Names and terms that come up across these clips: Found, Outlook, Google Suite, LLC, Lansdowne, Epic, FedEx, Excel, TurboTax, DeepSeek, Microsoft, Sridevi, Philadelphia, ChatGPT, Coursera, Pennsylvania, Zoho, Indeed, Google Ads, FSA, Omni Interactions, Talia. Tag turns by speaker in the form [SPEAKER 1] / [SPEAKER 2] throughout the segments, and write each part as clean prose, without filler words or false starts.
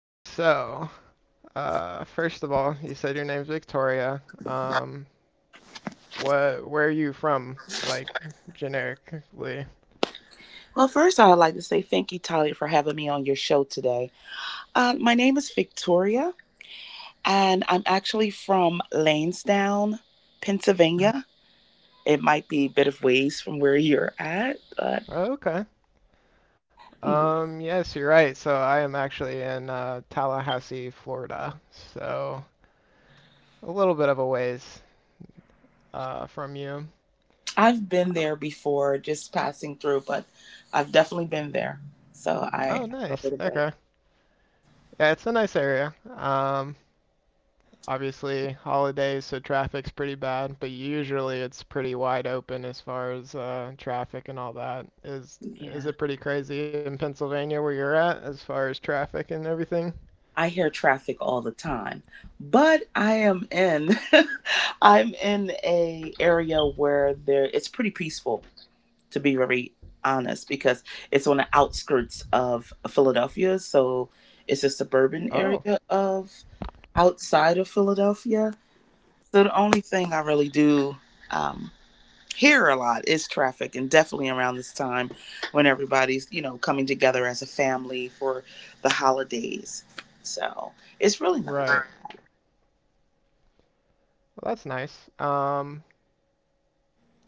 [SPEAKER 1] So, first of all, you said your name's Victoria. What, where are you from? Like, generically.
[SPEAKER 2] Well, first, I would like to say thank you, Talia, for having me on your show today. My name is Victoria, and I'm actually from Lansdowne, Pennsylvania. It might be a bit of ways from where you're at, but
[SPEAKER 1] Oh, okay.
[SPEAKER 2] mm,
[SPEAKER 1] Yes, you're right. So I am actually in Tallahassee, Florida. So a little bit of a ways from you.
[SPEAKER 2] I've been there before, just passing through, but I've definitely been there. So
[SPEAKER 1] Oh,
[SPEAKER 2] I know a
[SPEAKER 1] nice.
[SPEAKER 2] little bit.
[SPEAKER 1] Okay. Yeah, it's a nice area. Obviously holidays, so traffic's pretty bad, but usually it's pretty wide open as far as traffic and all that. Is
[SPEAKER 2] Yeah.
[SPEAKER 1] is it pretty crazy in Pennsylvania where you're at as far as traffic and everything?
[SPEAKER 2] I hear traffic all the time, but I am in I'm in a area where there it's pretty peaceful to be very honest, because it's on the outskirts of Philadelphia. So it's a suburban
[SPEAKER 1] Oh,
[SPEAKER 2] area of outside of Philadelphia. So the only thing I really do um, hear a lot is traffic, and definitely around this time when everybody's, you know, coming together as a family for the holidays. So it's really nice.
[SPEAKER 1] right. Well, that's nice.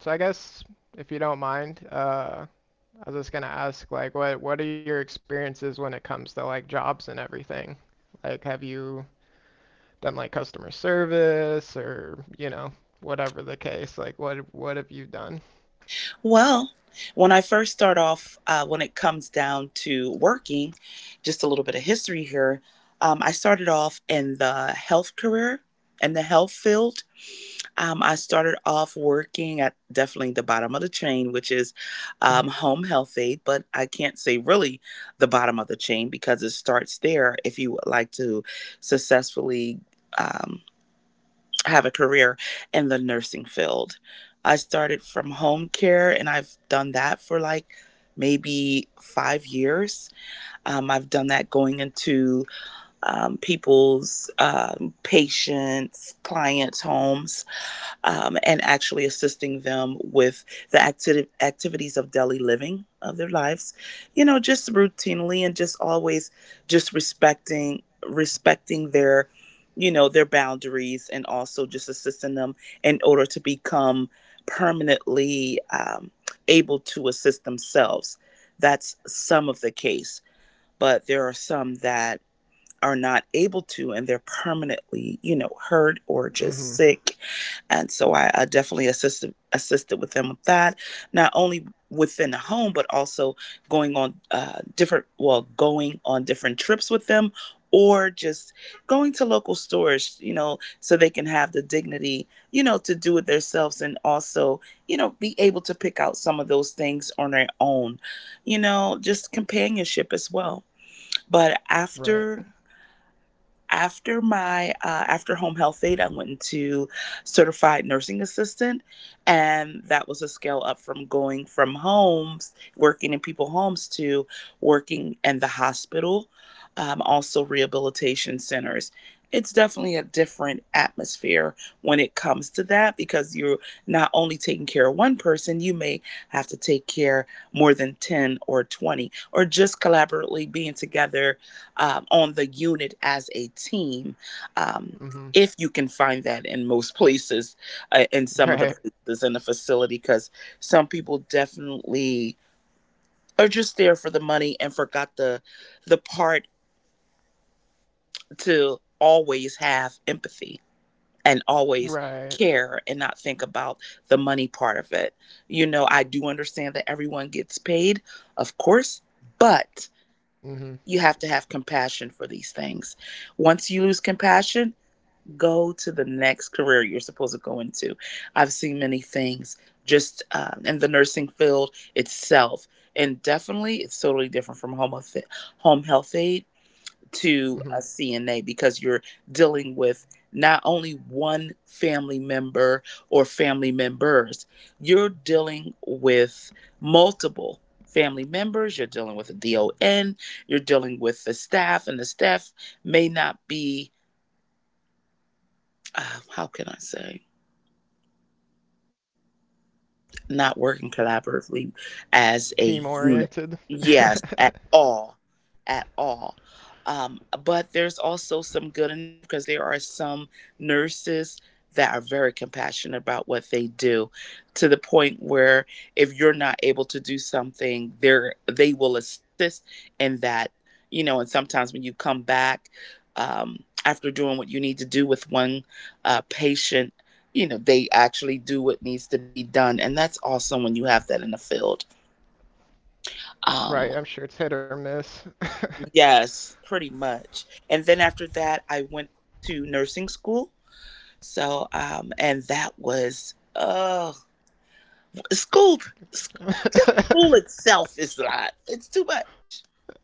[SPEAKER 1] So I guess if you don't mind, I was just gonna ask like what are your experiences when it comes to like jobs and everything? Like have you done like customer service or, you know, whatever the case, like what have you done?
[SPEAKER 2] Well, when I first start off, when it comes down to working, just a little bit of history here. I started off in the health career in the health field. I started off working at definitely the bottom of the chain, which is home health aid, but I can't say really the bottom of the chain because it starts there if you would like to successfully. um, have a career in the nursing field. I started from home care and I've done that for like maybe 5 years. I've done that going into people's patients, clients' homes and actually assisting them with the activities of daily living of their lives, you know, just routinely and just always just respecting their, you know, their boundaries and also just assisting them in order to become permanently able to assist themselves. That's some of the case, but there are some that are not able to and they're permanently, you know, hurt or just
[SPEAKER 1] Mm-hmm.
[SPEAKER 2] sick. And so I definitely assisted with them with that, not only within the home, but also going on going on different trips with them or just going to local stores, you know, so they can have the dignity, you know, to do it themselves and also, you know, be able to pick out some of those things on their own. You know, just companionship as well. But
[SPEAKER 1] Right.
[SPEAKER 2] after my after home health aid I went into certified nursing assistant, and that was a scale up from going from homes, working in people homes, to working in the hospital, also rehabilitation centers. It's definitely a different atmosphere when it comes to that, because you're not only taking care of one person, you may have to take care more than 10 or 20, or just collaboratively being together on the unit as a team, um,
[SPEAKER 1] Mm-hmm.
[SPEAKER 2] if you can find that in most places, in some of the
[SPEAKER 1] Right.
[SPEAKER 2] places in the facility, because some people definitely are just there for the money and forgot the part to always have empathy and always
[SPEAKER 1] Right.
[SPEAKER 2] care and not think about the money part of it. You know, I do understand that everyone gets paid, of course, but
[SPEAKER 1] Mm-hmm.
[SPEAKER 2] you have to have compassion for these things. Once you lose compassion, go to the next career you're supposed to go into. I've seen many things just in the nursing field itself, and definitely it's totally different from home health aid to a
[SPEAKER 1] Mm-hmm.
[SPEAKER 2] CNA, because you're dealing with not only one family member or family members, you're dealing with multiple family members, you're dealing with a DON, you're dealing with the staff, and the staff may not be, how can I say, not working collaboratively as a unit.
[SPEAKER 1] Team oriented.
[SPEAKER 2] Yes, at all. At all. Um, but there's also some good in it, because there are some nurses that are very compassionate about what they do, to the point where if you're not able to do something, they will assist in that, you know, and sometimes when you come back after doing what you need to do with one patient, you know they actually do what needs to be done, and that's awesome when you have that in the field. um
[SPEAKER 1] Right. I'm sure it's hit or miss.
[SPEAKER 2] yes, pretty much. And then after that I went to nursing school. So and that was school. Just school
[SPEAKER 1] I'm
[SPEAKER 2] itself is a lot, it's too much.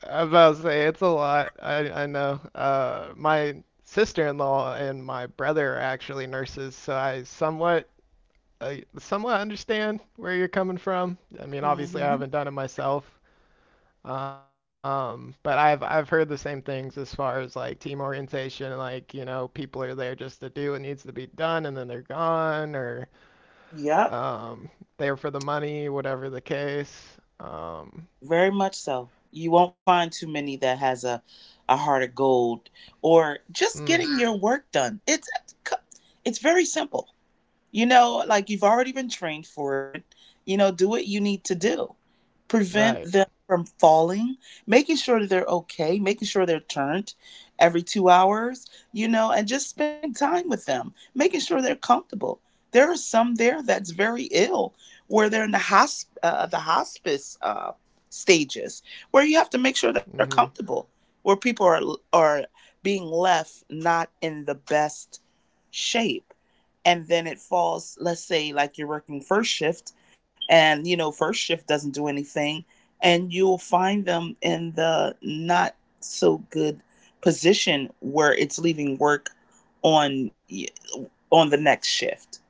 [SPEAKER 1] about to say it's a lot. I know. My sister-in-law and my brother are actually nurses, so I somewhat understand where you're coming from. I
[SPEAKER 2] hmm
[SPEAKER 1] mean, obviously, I haven't done it myself. But I've heard the same things as far as like team orientation, like, you know, people are there just to do what needs to be done and then they're gone or
[SPEAKER 2] yep
[SPEAKER 1] um there for the money, whatever the case.
[SPEAKER 2] Very much so. You won't find too many that has a heart of gold, or just getting
[SPEAKER 1] Mm,
[SPEAKER 2] your work done. It's very simple. You know, like you've already been trained for it. You know, do what you need to do. Prevent them
[SPEAKER 1] right.
[SPEAKER 2] from falling, making sure that they're okay, making sure they're turned every 2 hours, you know, and just spending time with them, making sure they're comfortable. There are some there that's very ill, where they're in the the hospice stages, where you have to make sure they're
[SPEAKER 1] Mhm.
[SPEAKER 2] comfortable, where people are being left not in the best shape, and then it falls. Let's say like you're working first shift, and you know first shift doesn't do anything, and you'll find them in the not so good position where it's leaving work on on the next shift.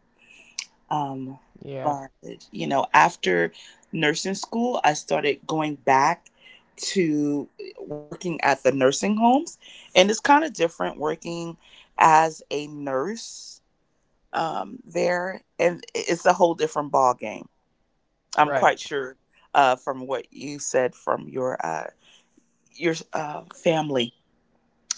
[SPEAKER 2] um
[SPEAKER 1] Yeah.
[SPEAKER 2] but you know, after nursing school I started going back to working at the nursing homes, and it's kind of different working as a nurse there, and it's a whole different ball game. I'm quite
[SPEAKER 1] Right.
[SPEAKER 2] sure, from what you said from your family.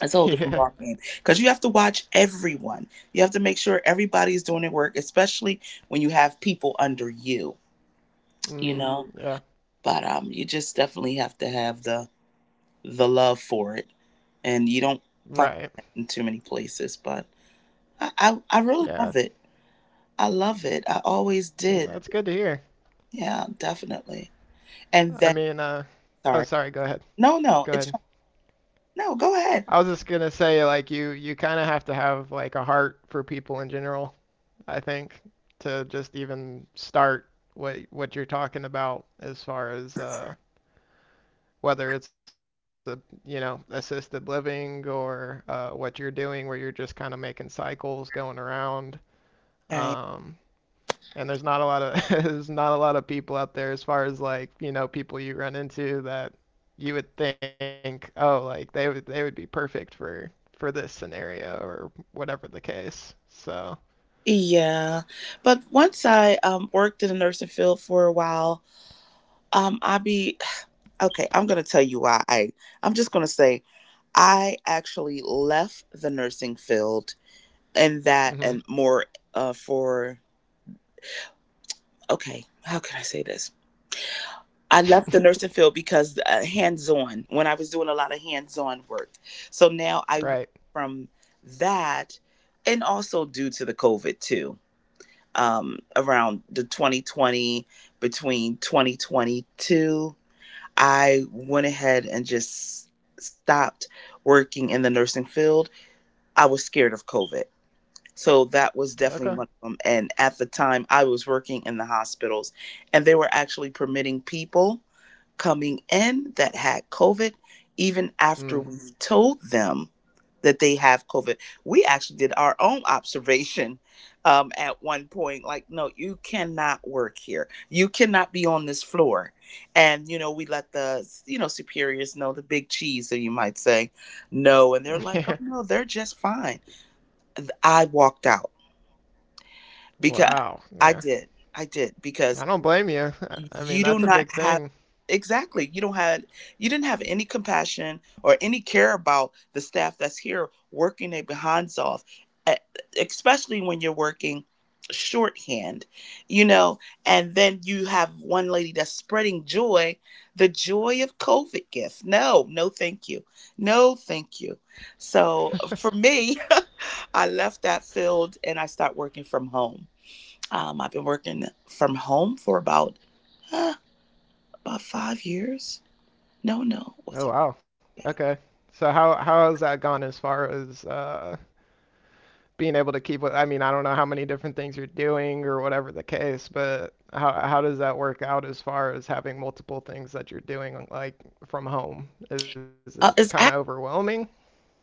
[SPEAKER 2] It's a whole different
[SPEAKER 1] Yeah.
[SPEAKER 2] ball game because you have to watch everyone. You have to make sure everybody's doing their work, especially when you have people under you. You know,
[SPEAKER 1] Mm, yeah.
[SPEAKER 2] but you just definitely have to have the love for it, and you don't find
[SPEAKER 1] Right.
[SPEAKER 2] that in too many places. But I really
[SPEAKER 1] Yeah.
[SPEAKER 2] love it. I love it. I always did.
[SPEAKER 1] That's good to hear.
[SPEAKER 2] Yeah, definitely. And then,
[SPEAKER 1] I mean, uh
[SPEAKER 2] sorry.
[SPEAKER 1] oh, sorry, go ahead.
[SPEAKER 2] No, no,
[SPEAKER 1] Go
[SPEAKER 2] it's
[SPEAKER 1] ahead.
[SPEAKER 2] fine. No, go ahead.
[SPEAKER 1] I was just gonna say like you kind of have to have like a heart for people in general. I think, to just even start what you're talking about as far as whether it's a, you know, assisted living or what you're doing where you're just kind of making cycles going around.
[SPEAKER 2] All right.
[SPEAKER 1] Um, and there's not a lot of there's not a lot of people out there as far as like, you know, people you run into that you would think, oh, like they would be perfect for this scenario or whatever the case. So,
[SPEAKER 2] Yeah. But once I worked in the nursing field for a while, um, I be, okay, I'm going to tell you why. I'm just going to say I actually left the nursing field and that
[SPEAKER 1] mhm.
[SPEAKER 2] and more uh, for, okay, how can I say this? I left the nursing field because hands-on, when I was doing a lot of hands-on work. So now I went
[SPEAKER 1] right.
[SPEAKER 2] from that, and also due to the COVID too, around the 2020 between 2022, I went ahead and just stopped working in the nursing field. I was scared of COVID. So that was definitely one
[SPEAKER 1] Okay.
[SPEAKER 2] of them. And at the time, I was working in the hospitals, and they were actually permitting people coming in that had COVID, even after we
[SPEAKER 1] Mm.
[SPEAKER 2] told them that they have COVID. We actually did our own observation at one point like, no, you cannot work here. You cannot be on this floor. And, you know, we let the, you know, superiors know, the big cheese, so you might say, no. And they're like,
[SPEAKER 1] Yeah.
[SPEAKER 2] oh, no, they're just fine. I walked out because
[SPEAKER 1] Wow.
[SPEAKER 2] I
[SPEAKER 1] Yeah.
[SPEAKER 2] did. I did because
[SPEAKER 1] I don't blame you. I
[SPEAKER 2] you
[SPEAKER 1] I
[SPEAKER 2] do
[SPEAKER 1] mean,
[SPEAKER 2] not
[SPEAKER 1] that's a
[SPEAKER 2] have
[SPEAKER 1] big thing.
[SPEAKER 2] exactly, you don't have, you didn't have any compassion or any care about the staff that's here working their behinds off. e- Especially when you're working shorthand, you know, and then you have one lady that's spreading joy, the joy of COVID gift. No, no thank you. No thank you. So for me, I left that field and I started working from home. I've been working from home for uh, about 5 years. No, no, was it?
[SPEAKER 1] Oh, wow.
[SPEAKER 2] Yeah,
[SPEAKER 1] Okay. So how has that gone as far as being able to keep with, I mean, I don't know how many different things you're doing or whatever the case, but how does that work out as far as having multiple things that you're doing like from home? Is it
[SPEAKER 2] uh,
[SPEAKER 1] kind of
[SPEAKER 2] it's act-
[SPEAKER 1] overwhelming?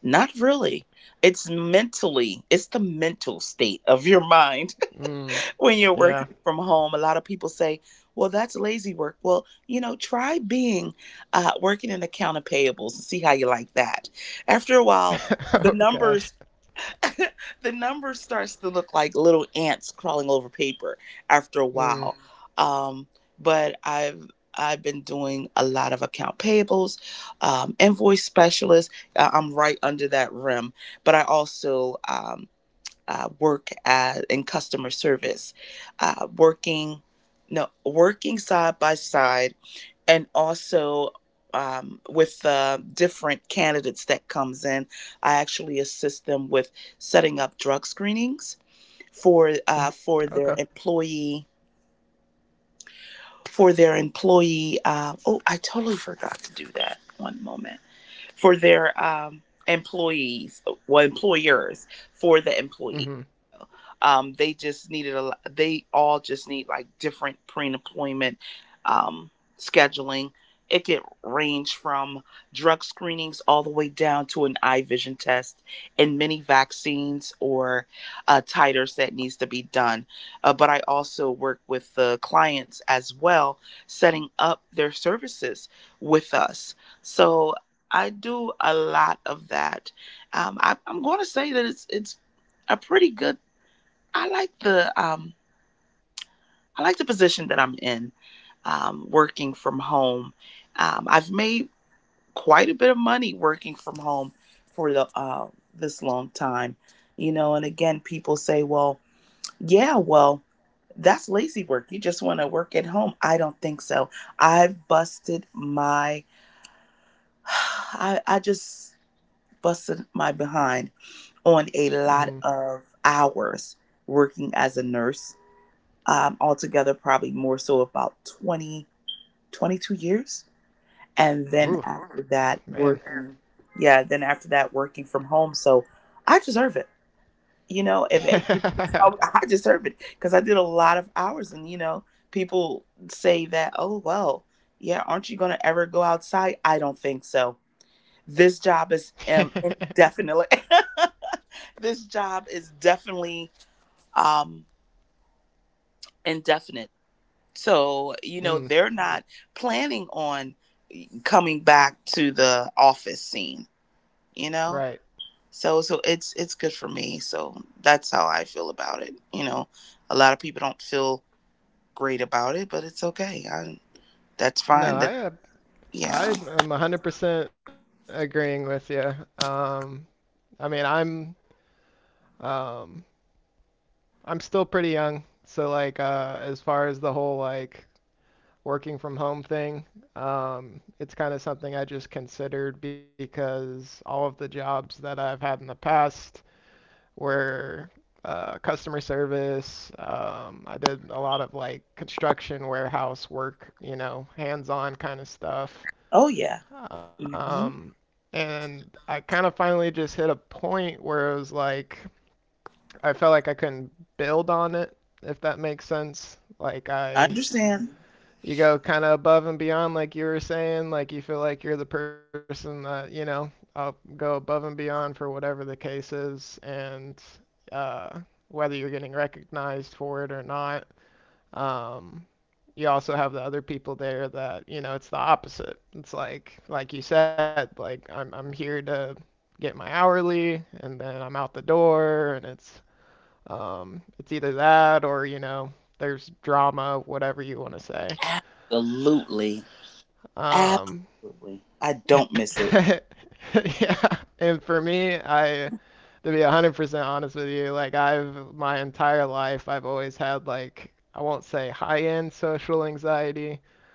[SPEAKER 2] not really. It's mentally. It's the mental state of your mind
[SPEAKER 1] Mm.
[SPEAKER 2] when you're
[SPEAKER 1] Yeah.
[SPEAKER 2] working from home. A lot of people say, "Well, that's lazy work." Well, you know, try being working in account of payables and see how you like that. After a while,
[SPEAKER 1] Oh
[SPEAKER 2] the
[SPEAKER 1] gosh.
[SPEAKER 2] numbers the number starts to look like little ants crawling over paper after a
[SPEAKER 1] Mm.
[SPEAKER 2] while. Um, but I've been doing a lot of account payables, invoice specialist. I'm right under that rim, but I also work in customer service, working no working side by side, and also with the different candidates that comes in. I actually assist them with setting up drug screenings
[SPEAKER 1] Okay.
[SPEAKER 2] for their employee, for their employee oh, I totally forgot to do that, one moment, for their employees well employers, for the employees.
[SPEAKER 1] Hmm.
[SPEAKER 2] They just They all just need like different pre-employment um, scheduling. It could range from drug screenings all the way down to an eye vision test and many vaccines or titers that needs to be done. But I also work with the clients as well, setting up their services with us. So I do a lot of that. I'm going to say that it's a pretty good I like the um, I like the position that I'm in, working from home. I've made quite a bit of money working from home for the this long time. And again, people say, "Well, yeah, well, that's lazy work. You just want to work at home." I don't think so. I've busted I just busted my behind on a
[SPEAKER 1] Hmm.
[SPEAKER 2] lot of hours working as a nurse altogether, probably more so about 20, 22 years. And then
[SPEAKER 1] Oof,
[SPEAKER 2] after
[SPEAKER 1] man.
[SPEAKER 2] that, working, yeah, then after that, working from home. So I deserve it. You know, if it, I deserve it because I did a lot of hours. And people say that, oh, well, yeah, aren't you going to ever go outside? I don't think so. This job is indefinitely, this job is definitely um, indefinite. So, you
[SPEAKER 1] Mm,
[SPEAKER 2] know, they're not planning on coming back to the office scene, you know?
[SPEAKER 1] right.
[SPEAKER 2] So it's good for me. So that's how I feel about it. You know, a lot of people don't feel great about it, but it's okay. That's fine.
[SPEAKER 1] No,
[SPEAKER 2] That
[SPEAKER 1] I uh,
[SPEAKER 2] yeah.
[SPEAKER 1] I am 100% agreeing with you. I mean, I'm um I'm still pretty young, so like as far as the whole like working from home thing, it's kind of something I just considered because all of the jobs that I've had in the past were customer service. I did a lot of like construction, warehouse work, you know, hands-on kind of stuff.
[SPEAKER 2] Oh, yeah.
[SPEAKER 1] Um,
[SPEAKER 2] Hmm.
[SPEAKER 1] and I kind of finally just hit a point where it was like I felt like I couldn't build on it, if that makes sense. Like
[SPEAKER 2] I
[SPEAKER 1] I,
[SPEAKER 2] understand.
[SPEAKER 1] you go kind of above and beyond, like you were saying. Like you feel like you're the person that, you know, I'll go above and beyond for whatever the case is, and uh, whether you're getting recognized for it or not. Um, you also have the other people there that, you know, it's the opposite. It's like you said, like I'm here to get my hourly, and then I'm out the door, and it's either that or, you know, there's drama, whatever you want to say.
[SPEAKER 2] Absolutely.
[SPEAKER 1] Um,
[SPEAKER 2] Absolutely. I don't miss it.
[SPEAKER 1] yeah, and for me, I, to be 100% honest with you, like I've, my entire life I've always had like, I won't say high-end social anxiety,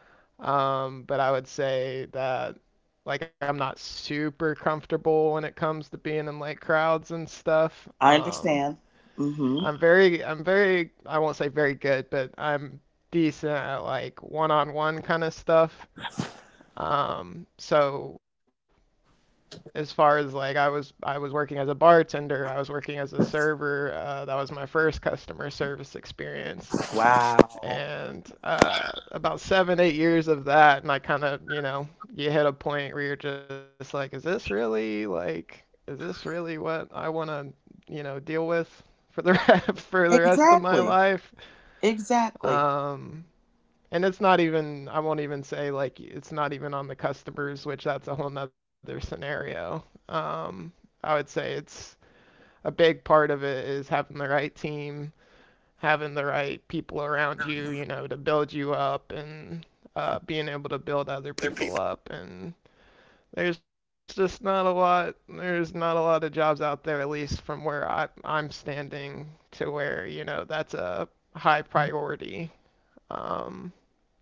[SPEAKER 1] but I would say that like I'm not super comfortable when it comes to being in like crowds and stuff.
[SPEAKER 2] I
[SPEAKER 1] Um,
[SPEAKER 2] understand. Mhm.
[SPEAKER 1] I'm very I'm very I won't say very good, but I'm decent at like one-on-one kind of stuff. So as far as like I was working as a bartender, I was working as a server. That was my first customer service experience,
[SPEAKER 2] Wow.
[SPEAKER 1] and about 7 8 years of that, and I kind of, you know, you hit a point where you're just like, is this really like, is this really what I want to, you know, deal with for the for the rest of my
[SPEAKER 2] Exactly.
[SPEAKER 1] life?
[SPEAKER 2] Exactly.
[SPEAKER 1] Um, and it's not even, I won't even say like it's not even on the customers, which that's a whole nother scenario. I would say it's a big part of it is having the right team, having the right people around you, you know, to build you up and being able to build other people up. And there's just not a lot of jobs out there, at least from where I'm standing, to where, you know, that's a high priority. um,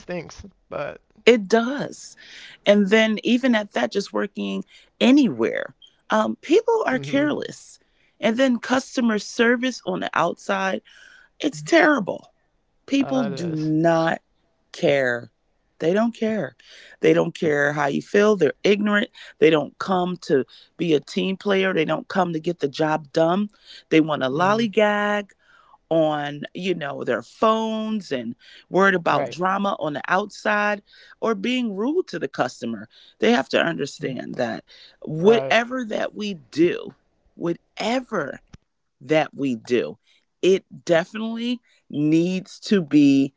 [SPEAKER 1] and it kind of stinks,
[SPEAKER 2] It
[SPEAKER 1] but
[SPEAKER 2] does. And then, even at that, just working anywhere, people are
[SPEAKER 1] mm-hmm,
[SPEAKER 2] careless. And then, customer service on the outside, it's terrible. People do
[SPEAKER 1] it is.
[SPEAKER 2] not care. They don't care. They don't care how you feel. They're ignorant. They don't come to be a team player. They don't come to get the job done. They want to
[SPEAKER 1] Mm-hmm.
[SPEAKER 2] lollygag on their phones and worried about drama
[SPEAKER 1] Right,
[SPEAKER 2] on the outside or being rude to the customer. They have to understand that
[SPEAKER 1] right.
[SPEAKER 2] whatever that we do whatever that we do it definitely needs to be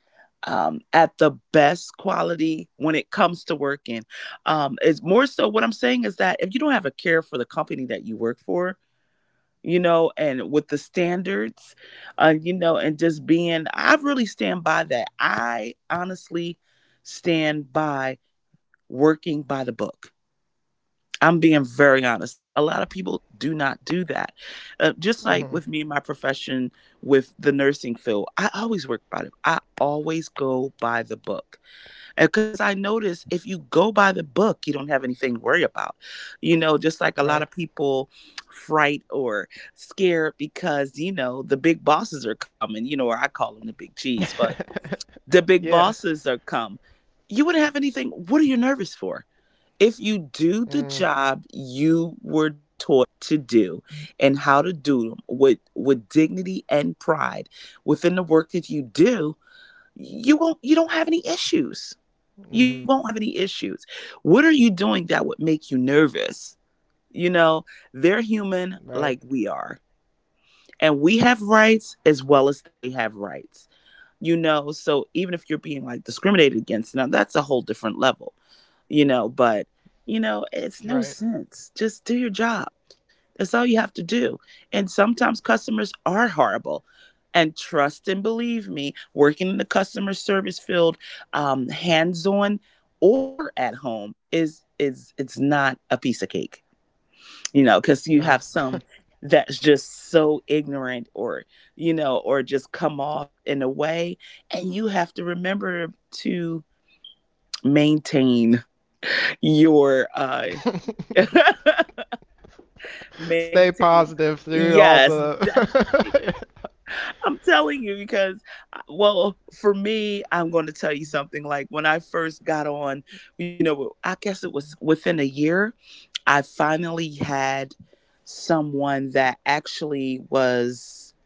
[SPEAKER 2] at the best quality when it comes to working. It's more so what I'm saying is that if you don't have a care for the company that you work for, and with the standards, I really stand by that. I honestly stand by working by the book. I'm being very honest. A lot of people do not do that. Just like with me in
[SPEAKER 1] Mm-hmm.
[SPEAKER 2] my profession with the nursing field, I always work by it. I always go by the book because I notice if you go by the book, you don't have anything to worry about. You know, just like a lot of
[SPEAKER 1] Right.
[SPEAKER 2] people fright or scared because the big bosses are coming, or I call them the big G's, but the big
[SPEAKER 1] yeah.
[SPEAKER 2] bosses are come. You wouldn't have anything. What are you nervous for? If you do the
[SPEAKER 1] Mm,
[SPEAKER 2] job you were taught to do and how to do them with dignity and pride within the work that you do, you don't have any issues. You won't have any
[SPEAKER 1] mm-hmm.
[SPEAKER 2] issues. What are you doing that would make you nervous? You know, they're human like
[SPEAKER 1] Right,
[SPEAKER 2] we are, and we have rights as well as they have rights. You know, so even if you're being like discriminated against, now that's a whole different level, but it's no
[SPEAKER 1] right.
[SPEAKER 2] sense. Just do your job. That's all you have to do. And sometimes customers are horrible. And trust and believe me, working in the customer service field, hands-on or at home is it's not a piece of cake. You know, because you have
[SPEAKER 1] No.
[SPEAKER 2] some that's just so ignorant or, or just come off in a way. And you have to remember to maintain your
[SPEAKER 1] Stay
[SPEAKER 2] maintain.
[SPEAKER 1] positive through all
[SPEAKER 2] Yes,
[SPEAKER 1] the.
[SPEAKER 2] definitely. I'm telling you because, well, for me, I'm going to tell you something. Like when I first got on, I guess it was within a year, I finally had someone that actually was,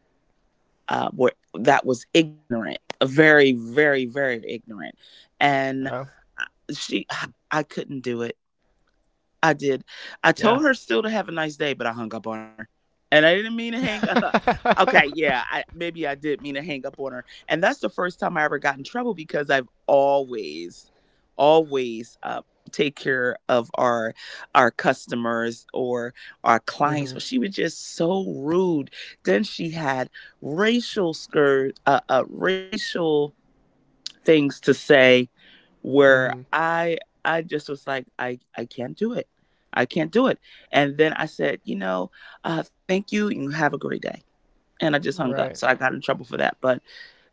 [SPEAKER 2] uh, were, that was ignorant, very, very, very ignorant, and
[SPEAKER 1] Oh,
[SPEAKER 2] she, I couldn't do it. I did.
[SPEAKER 1] yeah.
[SPEAKER 2] I told her still to have a nice day, but I hung up on her. And I didn't mean to hang up. Okay, yeah, I maybe I did mean to hang up on her. And that's the first time I ever got in trouble because I've always take care of our customers or our clients, but
[SPEAKER 1] Mm-hmm.
[SPEAKER 2] she was just so rude. Then she had racial things to say where
[SPEAKER 1] Mm-hmm.
[SPEAKER 2] I just was like I can't do it. I can't do it. And then I said, thank you. You have a great day. And I just hung up. So I got
[SPEAKER 1] Right.
[SPEAKER 2] in trouble for that. But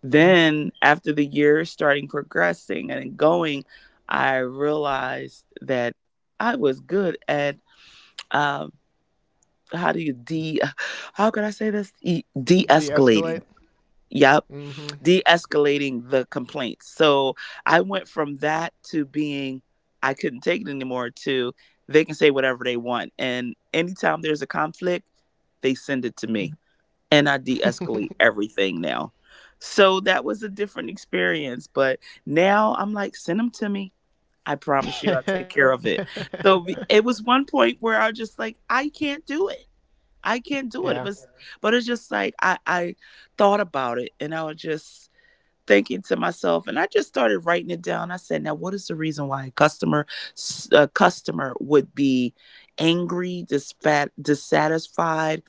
[SPEAKER 2] then after the years starting progressing and going, I realized that I was good at um, how do you de how can I say this? De-escalating.
[SPEAKER 1] De-escalate.
[SPEAKER 2] Yep. De
[SPEAKER 1] Mm-hmm.
[SPEAKER 2] escalating the complaints. So I went from that to I couldn't take it anymore, to they can say whatever they want. And anytime there's a conflict, they send it to me. And I de escalate everything now. So that was a different experience. But now I'm like, send them to me. I promise you, I'll take care of it. So it was one point where I was just like, I can't do it. I can't do it. But
[SPEAKER 1] Yeah.
[SPEAKER 2] but it's just like I thought about it, and I was just thinking to myself, and I just started writing it down. I said, now what is the reason why a customer would be angry, dissatisfied,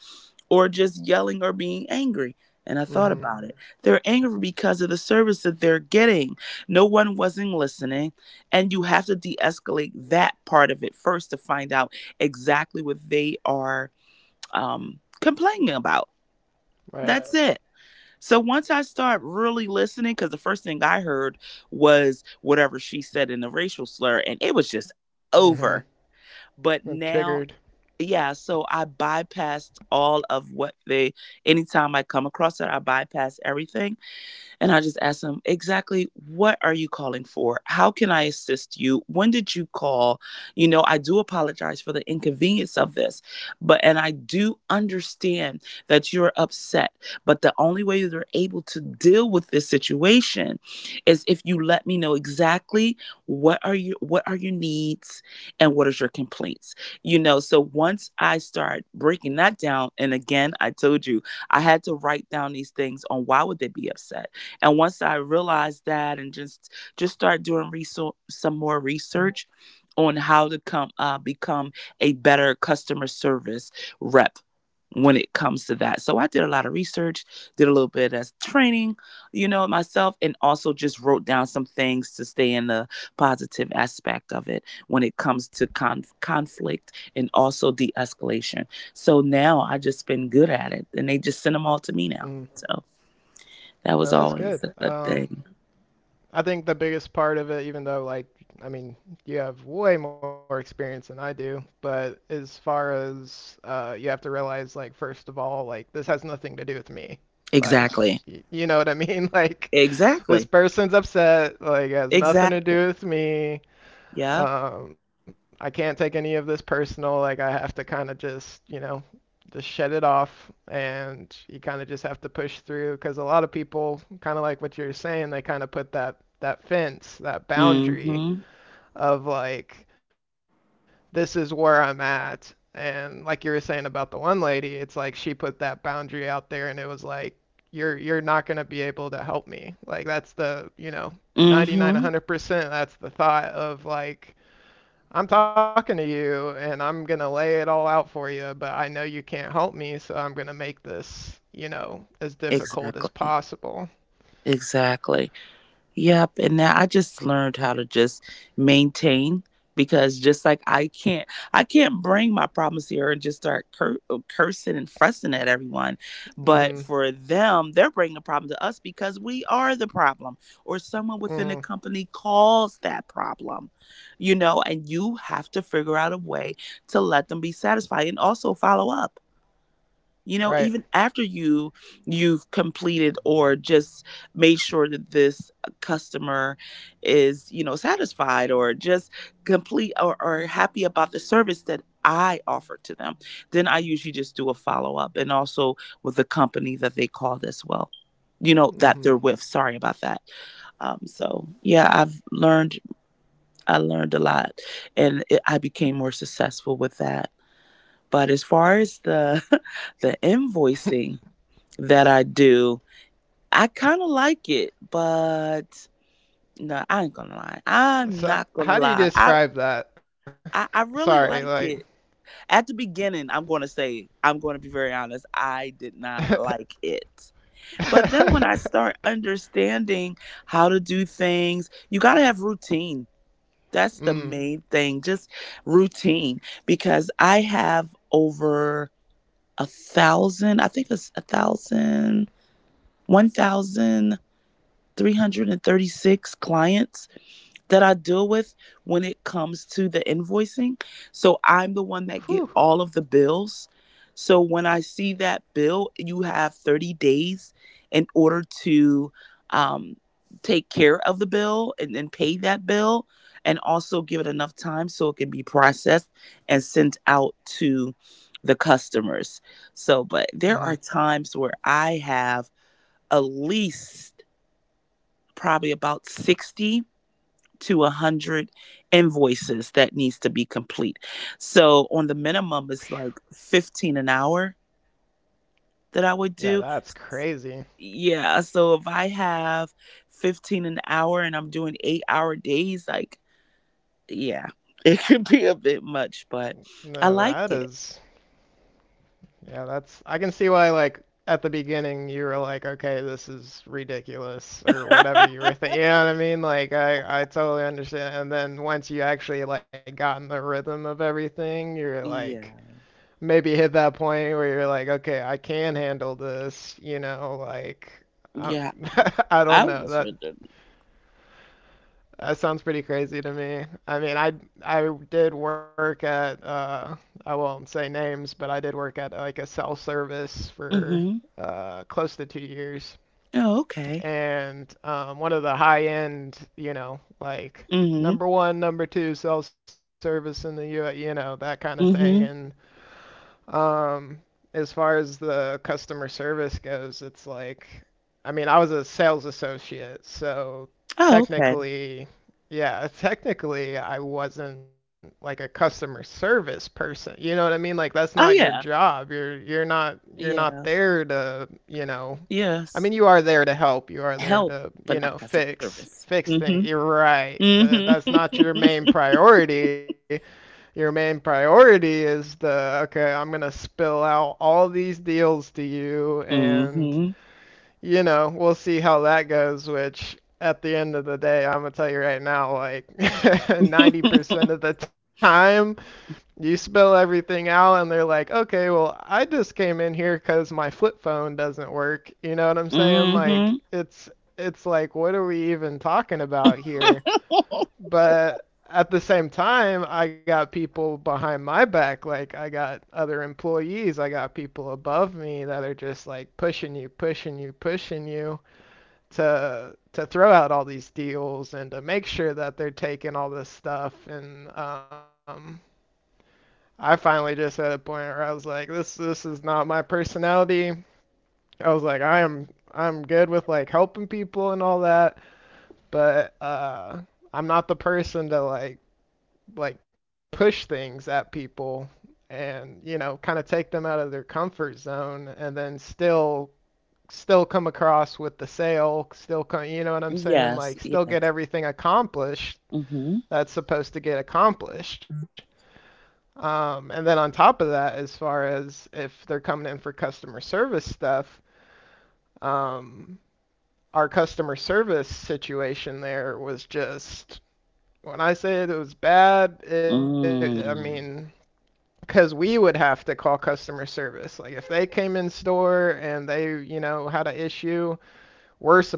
[SPEAKER 2] or just yelling or being angry? And I thought about it.
[SPEAKER 1] Mm-hmm.
[SPEAKER 2] They're angry because of the service that they're getting. No one wasn't listening. And you have to de escalate that part of it first to find out exactly what they are complaining about. That's it.
[SPEAKER 1] Right.
[SPEAKER 2] So once I start really listening, because the first thing I heard was whatever she said in the racial slur, and it was just
[SPEAKER 1] Mm-hmm.
[SPEAKER 2] over. But
[SPEAKER 1] And
[SPEAKER 2] now,
[SPEAKER 1] triggered.
[SPEAKER 2] yeah, so I bypassed all of what they, anytime I come across it, I bypass everything, and I just asked him, exactly what are you calling for? How can I assist you? When did you call? You know, I do apologize for the inconvenience of this, and I do understand that you're upset. But the only way you're able to deal with this situation is if you let me know exactly what are your needs and what is your complaints? You know, so once I start breaking that down, and again, I told you, I had to write down these things on why would they be upset? And once I realized that, and just start doing some more research on how to come become a better customer service rep when it comes to that. So I did a lot of research, did a little bit of training, myself, and also just wrote down some things to stay in the positive aspect of it when it comes to conflict and also de escalation. So now I just been good at it, and they just send them all to me now.
[SPEAKER 1] Mm.
[SPEAKER 2] So. That was
[SPEAKER 1] No, that's
[SPEAKER 2] always a
[SPEAKER 1] good.
[SPEAKER 2] good thing.
[SPEAKER 1] I think the biggest part of it, even though like, I mean, you have way more experience than I do, but as far as you have to realize, like, first of all, like, this has nothing to do with me.
[SPEAKER 2] Exactly.
[SPEAKER 1] Like, you know what I mean? Like,
[SPEAKER 2] Exactly.
[SPEAKER 1] this person's upset. Like, it
[SPEAKER 2] Exactly.
[SPEAKER 1] has nothing to do with me.
[SPEAKER 2] Yeah.
[SPEAKER 1] I can't take any of this personal. Like I have to kind of just, you know, just shed it off, and you kind of just have to push through. Because a lot of people, kind of like what you're saying, they kind of put that fence, that
[SPEAKER 2] Mm-hmm.
[SPEAKER 1] boundary of like, this is where I'm at. And like you were saying about the one lady, it's like she put that boundary out there, and it was like, you're not gonna be able to help me. Like that's the, you know,
[SPEAKER 2] Mm-hmm.
[SPEAKER 1] 99, 100%. That's the thought of like I'm talking to you and I'm going to lay it all out for you, but I know you can't help me, so I'm going to make this, you know, as
[SPEAKER 2] Exactly.
[SPEAKER 1] difficult as possible.
[SPEAKER 2] Exactly. Yep. And now I just learned how to just maintain because just like I can't bring my problems here and just start cursing and fussing at everyone.
[SPEAKER 1] Mm.
[SPEAKER 2] But
[SPEAKER 1] Mhm.
[SPEAKER 2] for them, they're bringing the problem to us because we are the problem or someone within the
[SPEAKER 1] Mm. Mhm.
[SPEAKER 2] company caused that problem, and you have to figure out a way to let them be satisfied and also follow up
[SPEAKER 1] Right.
[SPEAKER 2] even after you've completed or just made sure that this customer is satisfied or just complete or happy about the service that I offer to them. Then I usually just do a follow-up, and also with the company that they called as well, that they're
[SPEAKER 1] Mm.
[SPEAKER 2] with, sorry about that. So yeah, I learned a lot, and I became more successful with that. But as far as the the
[SPEAKER 1] Mhm.
[SPEAKER 2] invoicing that I do. I kind of like it, but no, I ain't gonna lie. I'm
[SPEAKER 1] So,
[SPEAKER 2] not gonna
[SPEAKER 1] how do you
[SPEAKER 2] lie. I,
[SPEAKER 1] describe that?
[SPEAKER 2] I I
[SPEAKER 1] Sorry,
[SPEAKER 2] really
[SPEAKER 1] like
[SPEAKER 2] like it. At the beginning, I'm gonna say I'm gonna be very honest. I did not like it, but then when I start understanding how to do things, you gotta have routine. That's the
[SPEAKER 1] Mm.
[SPEAKER 2] main thing. Just routine because I have over a thousand. I think it's a thousand. One thousand 336 clients that I deal with when it comes to the invoicing. So I'm the one
[SPEAKER 1] Whew.
[SPEAKER 2] that get all of the bills. So when I see that bill, you have 30 days in order to um, take care of the bill and then pay that bill and also give it enough time so it can be processed and sent out to the customers. So, but there are
[SPEAKER 1] Mhm.
[SPEAKER 2] times where I have at least probably about 60 to 100 invoices that needs to be complete. So on the minimum
[SPEAKER 1] Phew.
[SPEAKER 2] it's like 15 an hour that I would do.
[SPEAKER 1] Yeah, that's crazy.
[SPEAKER 2] Yeah, so if I have 15 an hour and I'm doing 8-hour days, like yeah, it could be a bit much, but I
[SPEAKER 1] No,
[SPEAKER 2] like
[SPEAKER 1] that
[SPEAKER 2] it.
[SPEAKER 1] is. Yeah, that's, I can see why like at the beginning you were like, okay, this is ridiculous or whatever you were thinking. You know what I mean? Like I totally understand. And then once you actually like got in the rhythm of everything, you're like
[SPEAKER 2] Yeah.
[SPEAKER 1] maybe hit that point where you're like, okay, I can handle this. You know, like um,
[SPEAKER 2] Yeah,
[SPEAKER 1] I don't
[SPEAKER 2] I
[SPEAKER 1] know,
[SPEAKER 2] was
[SPEAKER 1] that
[SPEAKER 2] with them.
[SPEAKER 1] that sounds pretty crazy to me. I did work at I won't say names, but I did work at like a cell service for
[SPEAKER 2] Mhm.
[SPEAKER 1] close to 2 years
[SPEAKER 2] Oh, okay.
[SPEAKER 1] and one of the high end, you know, like
[SPEAKER 2] Mhm.
[SPEAKER 1] number 1, number 2 cell service in the US, you know, that kind of thing and
[SPEAKER 2] Mhm.
[SPEAKER 1] um, as far as the customer service goes, it's like, I mean, I was a sales associate, so
[SPEAKER 2] Oh, okay.
[SPEAKER 1] technically, yeah, technically, I wasn't like a customer service person. You know what I mean? Like that's not
[SPEAKER 2] Oh
[SPEAKER 1] your
[SPEAKER 2] yeah.
[SPEAKER 1] job. You're not, you're not
[SPEAKER 2] Yeah.
[SPEAKER 1] there to, you know, I mean,
[SPEAKER 2] Yes.
[SPEAKER 1] you are there to help. You are there
[SPEAKER 2] Help,
[SPEAKER 1] to, you
[SPEAKER 2] but not
[SPEAKER 1] know,
[SPEAKER 2] customer
[SPEAKER 1] fix
[SPEAKER 2] service.
[SPEAKER 1] fix things.
[SPEAKER 2] Mhm.
[SPEAKER 1] You're right, but
[SPEAKER 2] Mhm.
[SPEAKER 1] that's not your main priority. Your main priority is the okay, I'm going to spill out all these deals to you and,
[SPEAKER 2] Mhm.
[SPEAKER 1] you know, we'll see how that goes, which at the end of the day, I'm going to tell you right now, like 90% of the time you spill everything out and they're like, "Okay, well, I just came in here cuz my flip phone doesn't work." You know what I'm saying? Like
[SPEAKER 2] Mhm.
[SPEAKER 1] it's like what are we even talking about here? But at the same time, I got people behind my back. Like I got other employees, I got people above me that are just like pushing you, pushing you, pushing you to throw out all these deals and to make sure that they're taking all this stuff. And I finally just at a point where I was like, this is not my personality. I was like, I'm good with like helping people and all that, but I'm not the person to like push things at people and you know kind of take them out of their comfort zone and then still come across with the sale still come you know what I'm saying
[SPEAKER 2] Yes.
[SPEAKER 1] like still
[SPEAKER 2] Yes.
[SPEAKER 1] get everything accomplished
[SPEAKER 2] Mhm.
[SPEAKER 1] that's supposed to get accomplished and then on top of that as far as if they're coming in for customer service stuff um, our customer service situation there was just when I said it it was bad it, I mean
[SPEAKER 2] Mm.
[SPEAKER 1] because we would have to call customer service. Like if they came in store and they, you know, had an issue,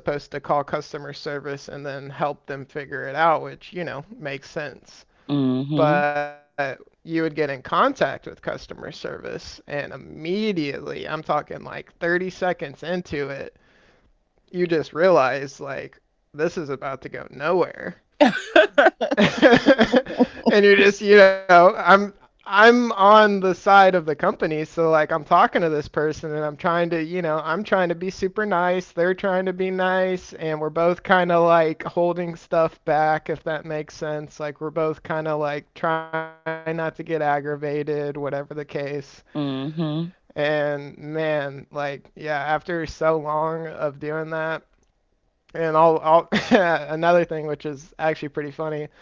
[SPEAKER 1] we're supposed to call customer service and then help them figure it out, which, you know, makes sense.
[SPEAKER 2] Mhm.
[SPEAKER 1] But you would get in contact with customer service and immediately, I'm talking like 30 seconds into it, you just realize like this is about to go nowhere and you're just, you know, I'm on the side of the company, so like I'm talking to this person and I'm trying to, you know, I'm trying to be super nice, they're trying to be nice, and we're both kind of like holding stuff back if that makes sense. Like we're both kind of like trying not to get aggravated, whatever the case.
[SPEAKER 2] Mhm.
[SPEAKER 1] And man, like yeah, after so long of doing that, and I'll another thing which is actually pretty funny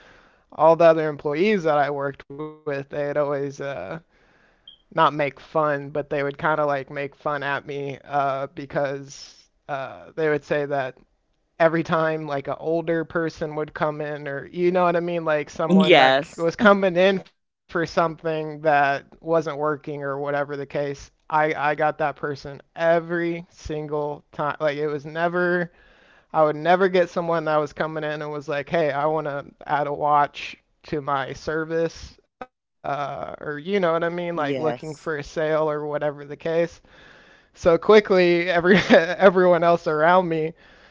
[SPEAKER 1] all the other employees that I worked with, they'd always not make fun, but they would kind of like make fun at me because they would say that every time like an older person would come in or you know what I mean like someone that
[SPEAKER 2] Yes.
[SPEAKER 1] was coming in for something that wasn't working or whatever the case I got that person every single time like it was never I would never get someone that was coming in and was like, "Hey, I want to add a watch to my service," or you know what I mean, like looking for a
[SPEAKER 2] Yes.
[SPEAKER 1] sale or whatever the case. So quickly, every everyone else around me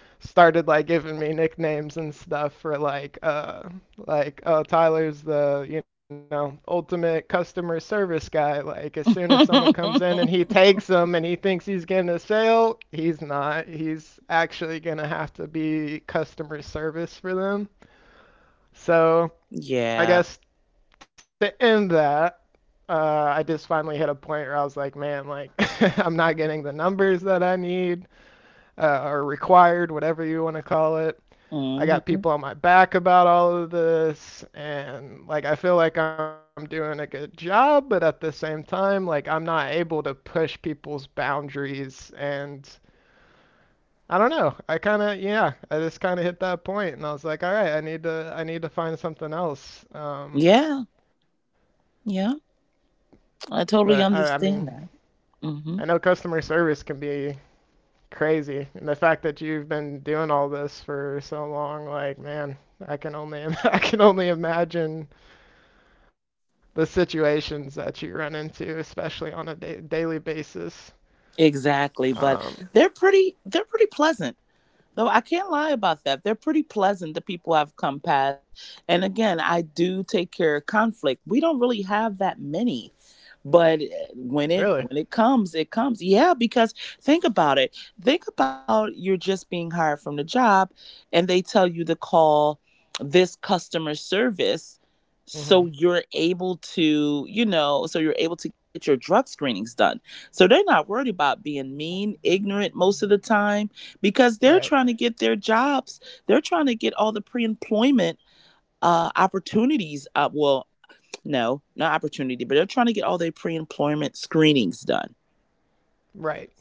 [SPEAKER 1] started like giving me nicknames and stuff for like like oh Tyler's the you know ultimate customer service guy like as soon as someone comes in and he takes them and he thinks he's getting a sale he's not he's actually going to have to be customer service for them so
[SPEAKER 2] Yeah.
[SPEAKER 1] I guess to end that I just finally hit a point where I was like, man, like, I'm not getting the numbers that I need or required, whatever you want to call it I got
[SPEAKER 2] Mhm.
[SPEAKER 1] people on my back about all of this and like I feel like I'm doing a good job, but at the same time like I'm not able to push people's boundaries and I don't know. I kind of yeah, I just kind of hit that point and I was like, all right, I need to find something else.
[SPEAKER 2] Yeah. Yeah, I
[SPEAKER 1] But
[SPEAKER 2] totally
[SPEAKER 1] I mean,
[SPEAKER 2] understand that.
[SPEAKER 1] I
[SPEAKER 2] Mhm.
[SPEAKER 1] know customer service can be crazy and the fact that you've been doing all this for so long like man, I can only I can only imagine the situations that you run into, especially on a daily basis.
[SPEAKER 2] Exactly,
[SPEAKER 1] Um,
[SPEAKER 2] but they're pretty pleasant. No, I can't lie about that. They're pretty pleasant, the people I've come past. And again, I do take care of conflict. We don't really have that many, but eh,
[SPEAKER 1] Really?
[SPEAKER 2] when it comes, it comes. Yeah, because think about it. Think about, you're just being hired from the job and they tell you to call this customer service,
[SPEAKER 1] Mhm.
[SPEAKER 2] so you're able to get your drug screenings done, so they're not worried about being mean, ignorant, most of the time because they're
[SPEAKER 1] Right.
[SPEAKER 2] trying to get their jobs. They're trying to get all the pre-employment opportunities. Well, no, not opportunity, but they're trying to get all their pre-employment screenings done.
[SPEAKER 1] Right.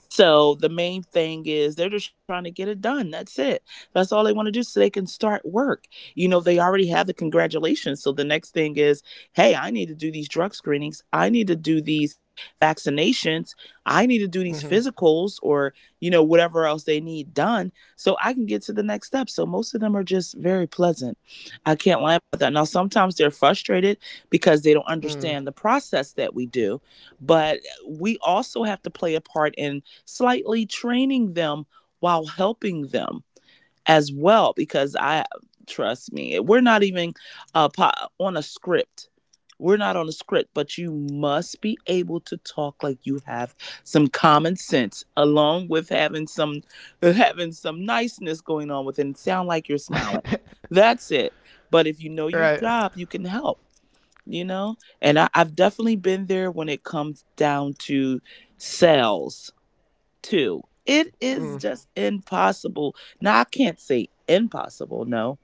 [SPEAKER 2] So the main thing is they're just trying to get it done. That's it. That's all they want to do so they can start work. You know, they already have the congratulations. So the next thing is, hey, I need to do these drug screenings. I need to do these vaccinations. I need to do
[SPEAKER 1] Mhm.
[SPEAKER 2] these physicals or, whatever else they need done, so I can get to the next step. So most of them are just very pleasant. I can't lie about that. Now, sometimes they're frustrated because they don't
[SPEAKER 1] Mm.
[SPEAKER 2] understand the process that we do, but we also have to play a part in slightly training them while helping them as well. Because I trust me, we're not even, uh, on a script. We're not on a script, but you must be able to talk like you have some common sense, along with having some niceness going on with it, and sound like you're smiling. That's it. But if you know
[SPEAKER 1] Right.
[SPEAKER 2] your job, you can help you know and I've definitely been there when it comes down to sales, to. It
[SPEAKER 1] Mm.
[SPEAKER 2] is just impossible. Now, I can't say impossible, no,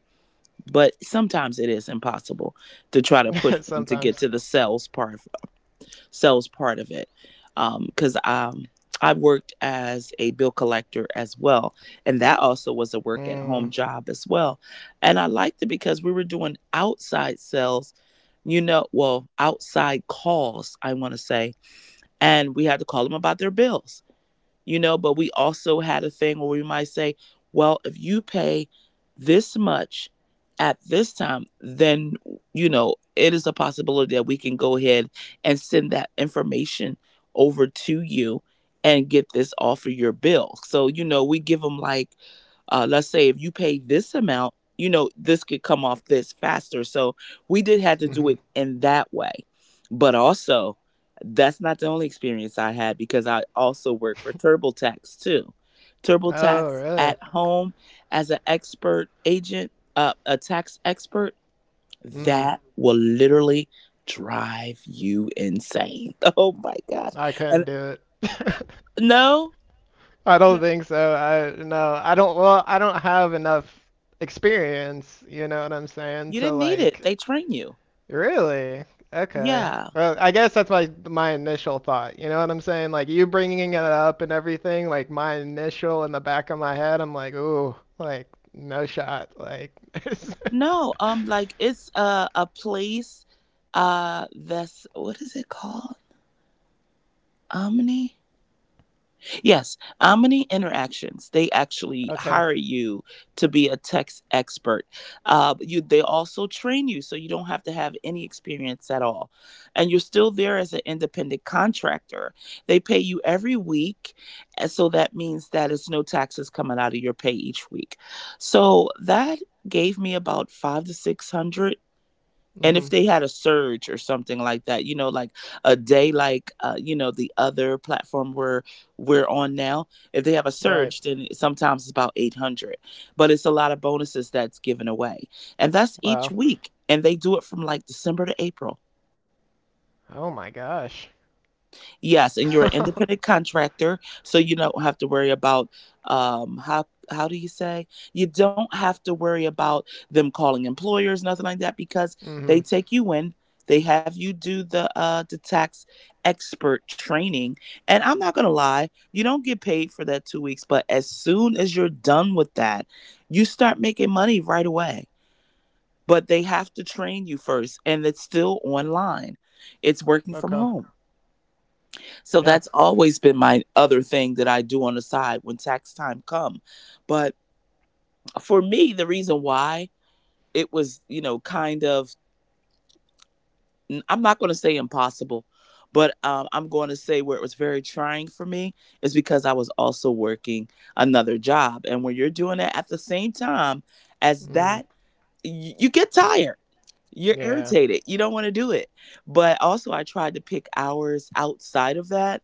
[SPEAKER 2] but sometimes it is impossible to try to push them
[SPEAKER 1] Sometimes.
[SPEAKER 2] to get to the sales part of it. Because I worked as a bill collector as well, and that also was a work at
[SPEAKER 1] Mm.
[SPEAKER 2] home job as well. And I liked it because we were doing outside sales, well, outside calls, I want to say, and we had to call them about their bills, but we also had a thing where we might say, well, if you pay this much at this time, then, it is a possibility that we can go ahead and send that information over to you and get this off of your bill. So, we give them like, let's say if you pay this amount, this could come off this faster. So we did have to do it
[SPEAKER 1] Mhm.
[SPEAKER 2] in that way. But also, that's not the only experience I had because I also work for TurboTax too. TurboTax
[SPEAKER 1] Oh,
[SPEAKER 2] at
[SPEAKER 1] really?
[SPEAKER 2] home as an expert agent, a tax expert,
[SPEAKER 1] Mm.
[SPEAKER 2] that will literally drive you insane. Oh my gosh.
[SPEAKER 1] I couldn't
[SPEAKER 2] And
[SPEAKER 1] do it.
[SPEAKER 2] no,
[SPEAKER 1] I don't
[SPEAKER 2] no,
[SPEAKER 1] think so. I no, I don't well, I don't have enough experience, you know what I'm saying,
[SPEAKER 2] you
[SPEAKER 1] to
[SPEAKER 2] didn't need it. They
[SPEAKER 1] like
[SPEAKER 2] train you.
[SPEAKER 1] Really? Okay.
[SPEAKER 2] Yeah.
[SPEAKER 1] Well, I guess that's my initial thought. You know what I'm saying? Like you bringing it up and everything, like my initial in the back of my head, I'm like, ooh, like no shot. Like
[SPEAKER 2] No, like it's a place, that's, what is it called? Omni? Yes, Omni Interactions. They actually
[SPEAKER 1] Okay.
[SPEAKER 2] hire you to be a text expert. They also train you, so you don't have to have any experience at all, and you're still there as an independent contractor. They pay you every week, and so that means that it's no taxes coming out of your pay each week. So that gave me about five to six hundred, and if
[SPEAKER 1] Mhm.
[SPEAKER 2] they had a surge or something like that, you know, like a day, like, the other platform where we're on now, if they have a surge
[SPEAKER 1] Right.
[SPEAKER 2] then sometimes it's about 800, but it's a lot of bonuses that's given away, and that's each
[SPEAKER 1] Wow.
[SPEAKER 2] week, and they do it from like December to April.
[SPEAKER 1] Oh my gosh.
[SPEAKER 2] Yes, and you're an independent contractor, so you don't have to worry about, um, how do you say? You don't have to worry about them calling employers, nothing like that, because they
[SPEAKER 1] Mhm.
[SPEAKER 2] take you in, they have you do the tax expert training. And I'm not gonna lie, you don't get paid for that 2 weeks, but as soon as you're done with that, you start making money right away. But they have to train you first, and it's still online. It's working
[SPEAKER 1] Okay.
[SPEAKER 2] from home. So
[SPEAKER 1] Yeah.
[SPEAKER 2] that's always been my other thing that I do on the side when tax time come. But for me, the reason why it was, kind of, I'm not going to say impossible, but I'm going to say where it was very trying for me is because I was also working another job, and when you're doing it at the same time as
[SPEAKER 1] Mm.
[SPEAKER 2] that, you get tired. You're
[SPEAKER 1] Yeah.
[SPEAKER 2] irritated. You don't want to do it. But also, I tried to pick hours outside of that,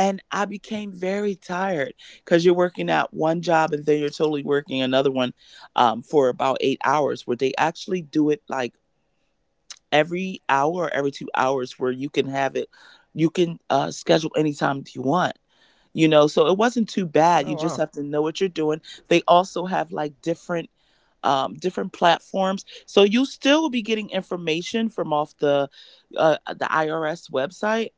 [SPEAKER 2] and I became very tired because you're working at one job and then you're totally working another one, for about 8 hours, where they actually do it like every hour or every 2 hours, where you can have it, you can schedule any time you want. You know, so it wasn't too bad,
[SPEAKER 1] Oh
[SPEAKER 2] you just
[SPEAKER 1] wow.
[SPEAKER 2] have to know what you're doing. They also have like different different platforms, so you still will be getting information from off the IRS website.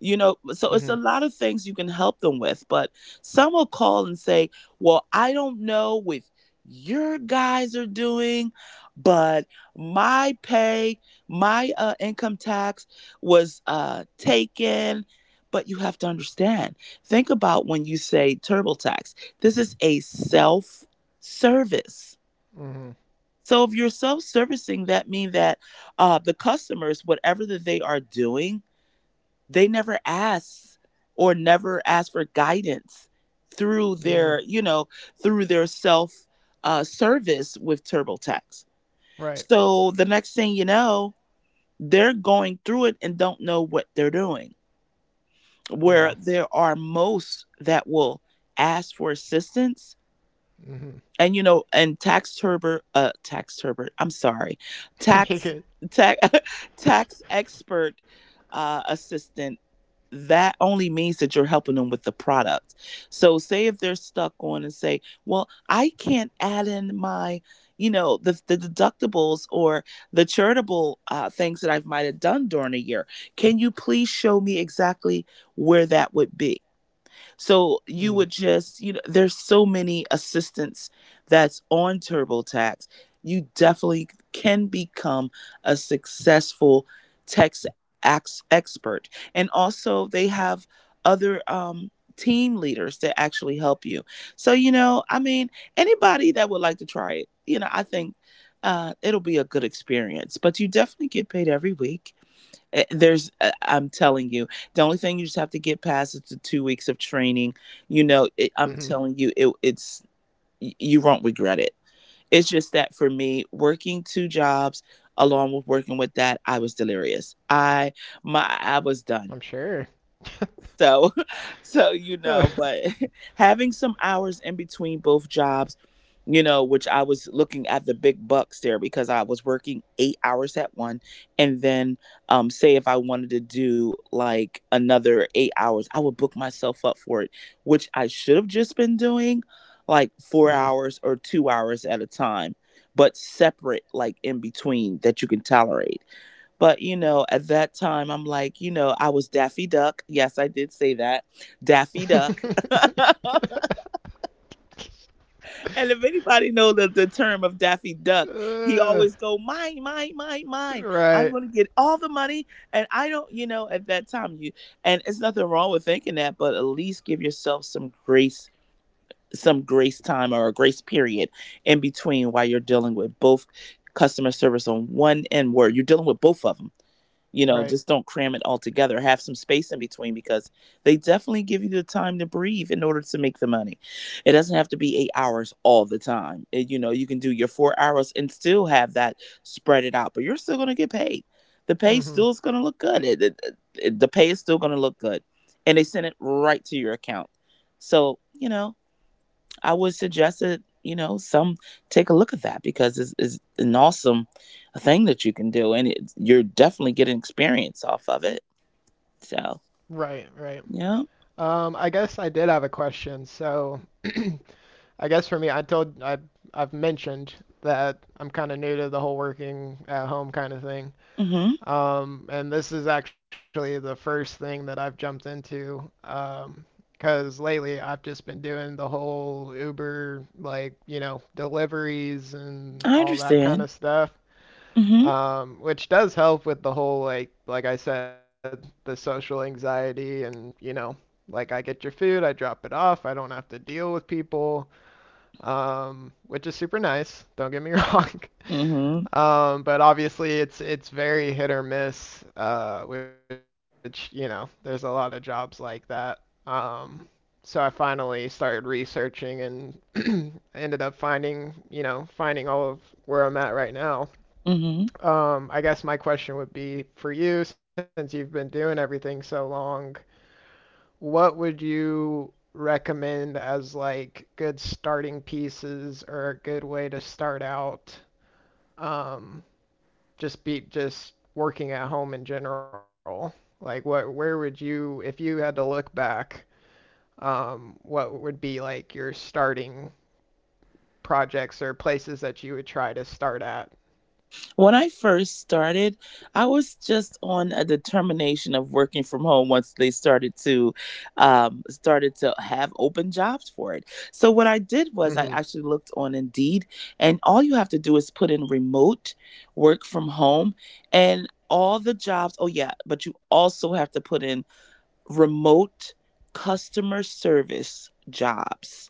[SPEAKER 2] You know, so
[SPEAKER 1] Mhm.
[SPEAKER 2] it's a lot of things you can help them with, but some will call and say, well, I don't know what your guys are doing, but my pay, my income tax was taken. But you have to understand, think about when you say TurboTax. This is a self service.
[SPEAKER 1] Mhm.
[SPEAKER 2] So if you're self servicing, that means that, the customers, whatever that they are doing, they never ask or never ask for guidance through
[SPEAKER 1] Mm.
[SPEAKER 2] their, you know, through their self service with TurboTax.
[SPEAKER 1] Right.
[SPEAKER 2] So the next thing you know, they're going through it and don't know what they're doing.
[SPEAKER 1] Yeah.
[SPEAKER 2] Where there are most that will ask for assistance,
[SPEAKER 1] Mhm.
[SPEAKER 2] and you know and tax turber tax turbert I'm sorry,
[SPEAKER 1] You
[SPEAKER 2] tax
[SPEAKER 1] could-
[SPEAKER 2] tax tax expert assistant, that only means that you're helping them with the product. So say if they're stuck on and say, well, I can't add in my, the deductibles or the charitable things that I might have done during a year, can you please show me exactly where that would be? So
[SPEAKER 1] Mm.
[SPEAKER 2] you would just, there's so many assistants that's on TurboTax. You definitely can become a successful tax expert. And also, they have other team leaders that actually help you. So, you know, I mean, anybody that would like to try it, you know, I think it'll be a good experience. But you definitely get paid every week. Eh, I'm telling you, the only thing you just have to get past is the 2 weeks of training. You know, I'm
[SPEAKER 1] Mhm.
[SPEAKER 2] telling you, it's. You won't regret it. It's just that for me, working two jobs along with working with that, I was delirious.
[SPEAKER 1] I'm
[SPEAKER 2] I was
[SPEAKER 1] sure.
[SPEAKER 2] done. So, so,
[SPEAKER 1] Uh,
[SPEAKER 2] but having some hours in between both jobs, which I was looking at the big bucks there because I was working 8 hours at one, and then, say if I wanted to do like another 8 hours, I would book myself up for it, which I should have just been doing like four
[SPEAKER 1] mm.
[SPEAKER 2] hours or 2 hours at a time, but separate, like in between that you can tolerate. But, at that time, I'm like, I was Daffy Duck. Yes, I did say that. Daffy Duck. And if anybody know the term of Daffy Duck, he
[SPEAKER 1] Uh,
[SPEAKER 2] always go, mine, mine, mine, mine. I'm
[SPEAKER 1] right,
[SPEAKER 2] going to get all the money. And I don't, at that time, and it's nothing wrong with thinking that, but at least give yourself some grace time or a grace period in between while you're dealing with both customer service on one end word. You're dealing with both of them. You know,
[SPEAKER 1] right.
[SPEAKER 2] just don't cram it all together. Have some space in between, because they definitely give you the time to breathe in order to make the money. It doesn't have to be 8 hours all the time. And, you know, you can do your 4 hours and still have that, spread it out, but you're still going to get paid. The pay
[SPEAKER 1] Hmm.
[SPEAKER 2] still is going to look good. It, the pay is still going to look good, and they send it right to your account. So, you know, I would suggest that, you know, some take a look at that, because it's an awesome thing that you can do, and it, you're definitely getting experience off of it.
[SPEAKER 1] Right,
[SPEAKER 2] So,
[SPEAKER 1] right.
[SPEAKER 2] yeah.
[SPEAKER 1] I guess I did have a question. So, I guess for me, I've mentioned that I'm kind of new to the whole working at home kind of thing.
[SPEAKER 2] Mm-hmm.
[SPEAKER 1] And this is actually the first thing that I've jumped into. Because lately I've just been doing the whole Uber, like, you know, deliveries and
[SPEAKER 2] I
[SPEAKER 1] all that kind
[SPEAKER 2] understand.
[SPEAKER 1] of stuff.
[SPEAKER 2] Mm-hmm.
[SPEAKER 1] Which does help with the whole, like I said, the social anxiety and, you know, like I get your food, I drop it off, I don't have to deal with people, which is super nice, don't get me wrong.
[SPEAKER 2] Mm-hmm.
[SPEAKER 1] But obviously, it's very hit or miss, which you know, there's a lot of jobs like that. Um, so I finally started researching and ended up finding, you know, finding all of where I'm at right now.
[SPEAKER 2] Mm-hmm.
[SPEAKER 1] I guess my question would be for you, since you've been doing everything so long, what would you recommend as like good starting pieces or a good way to start out? Um, just be just working at home in general? Like what where would you if you had to look back, what would be like your starting projects or places that you would try to start at?
[SPEAKER 2] When I first started, I was just on a determination of working from home once they started to have open jobs for it. So what I did was I actually
[SPEAKER 1] Mm-hmm.
[SPEAKER 2] looked on Indeed, and all you have to do is put in remote work from home, and all the jobs. Oh yeah, but you also have to put in remote customer service jobs.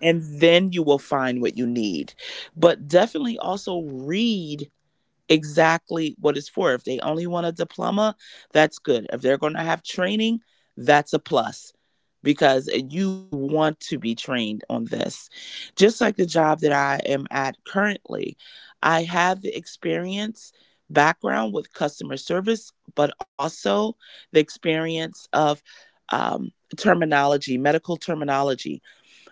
[SPEAKER 2] And then you will find what you need. But definitely also read exactly what it's for. If they only want a diploma, that's good. If they're going to have training, that's a plus, because you want to be trained on this. Just like the job that I am at currently, I have the experience background with customer service, but also the experience of, um, terminology, medical terminology,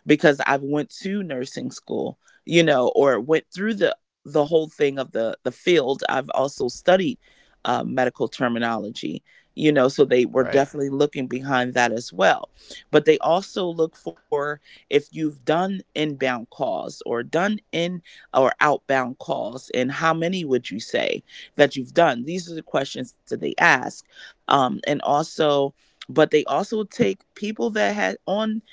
[SPEAKER 2] because I've went to nursing school, you know, or went through the whole thing of the field. I've also studied medical terminology, you know, so they were
[SPEAKER 1] Right.
[SPEAKER 2] definitely looking behind that as well. But they also look for if you've done inbound calls or done in or outbound calls, and how many would you say that you've done? These are the questions that they ask, and also. But they also take people that had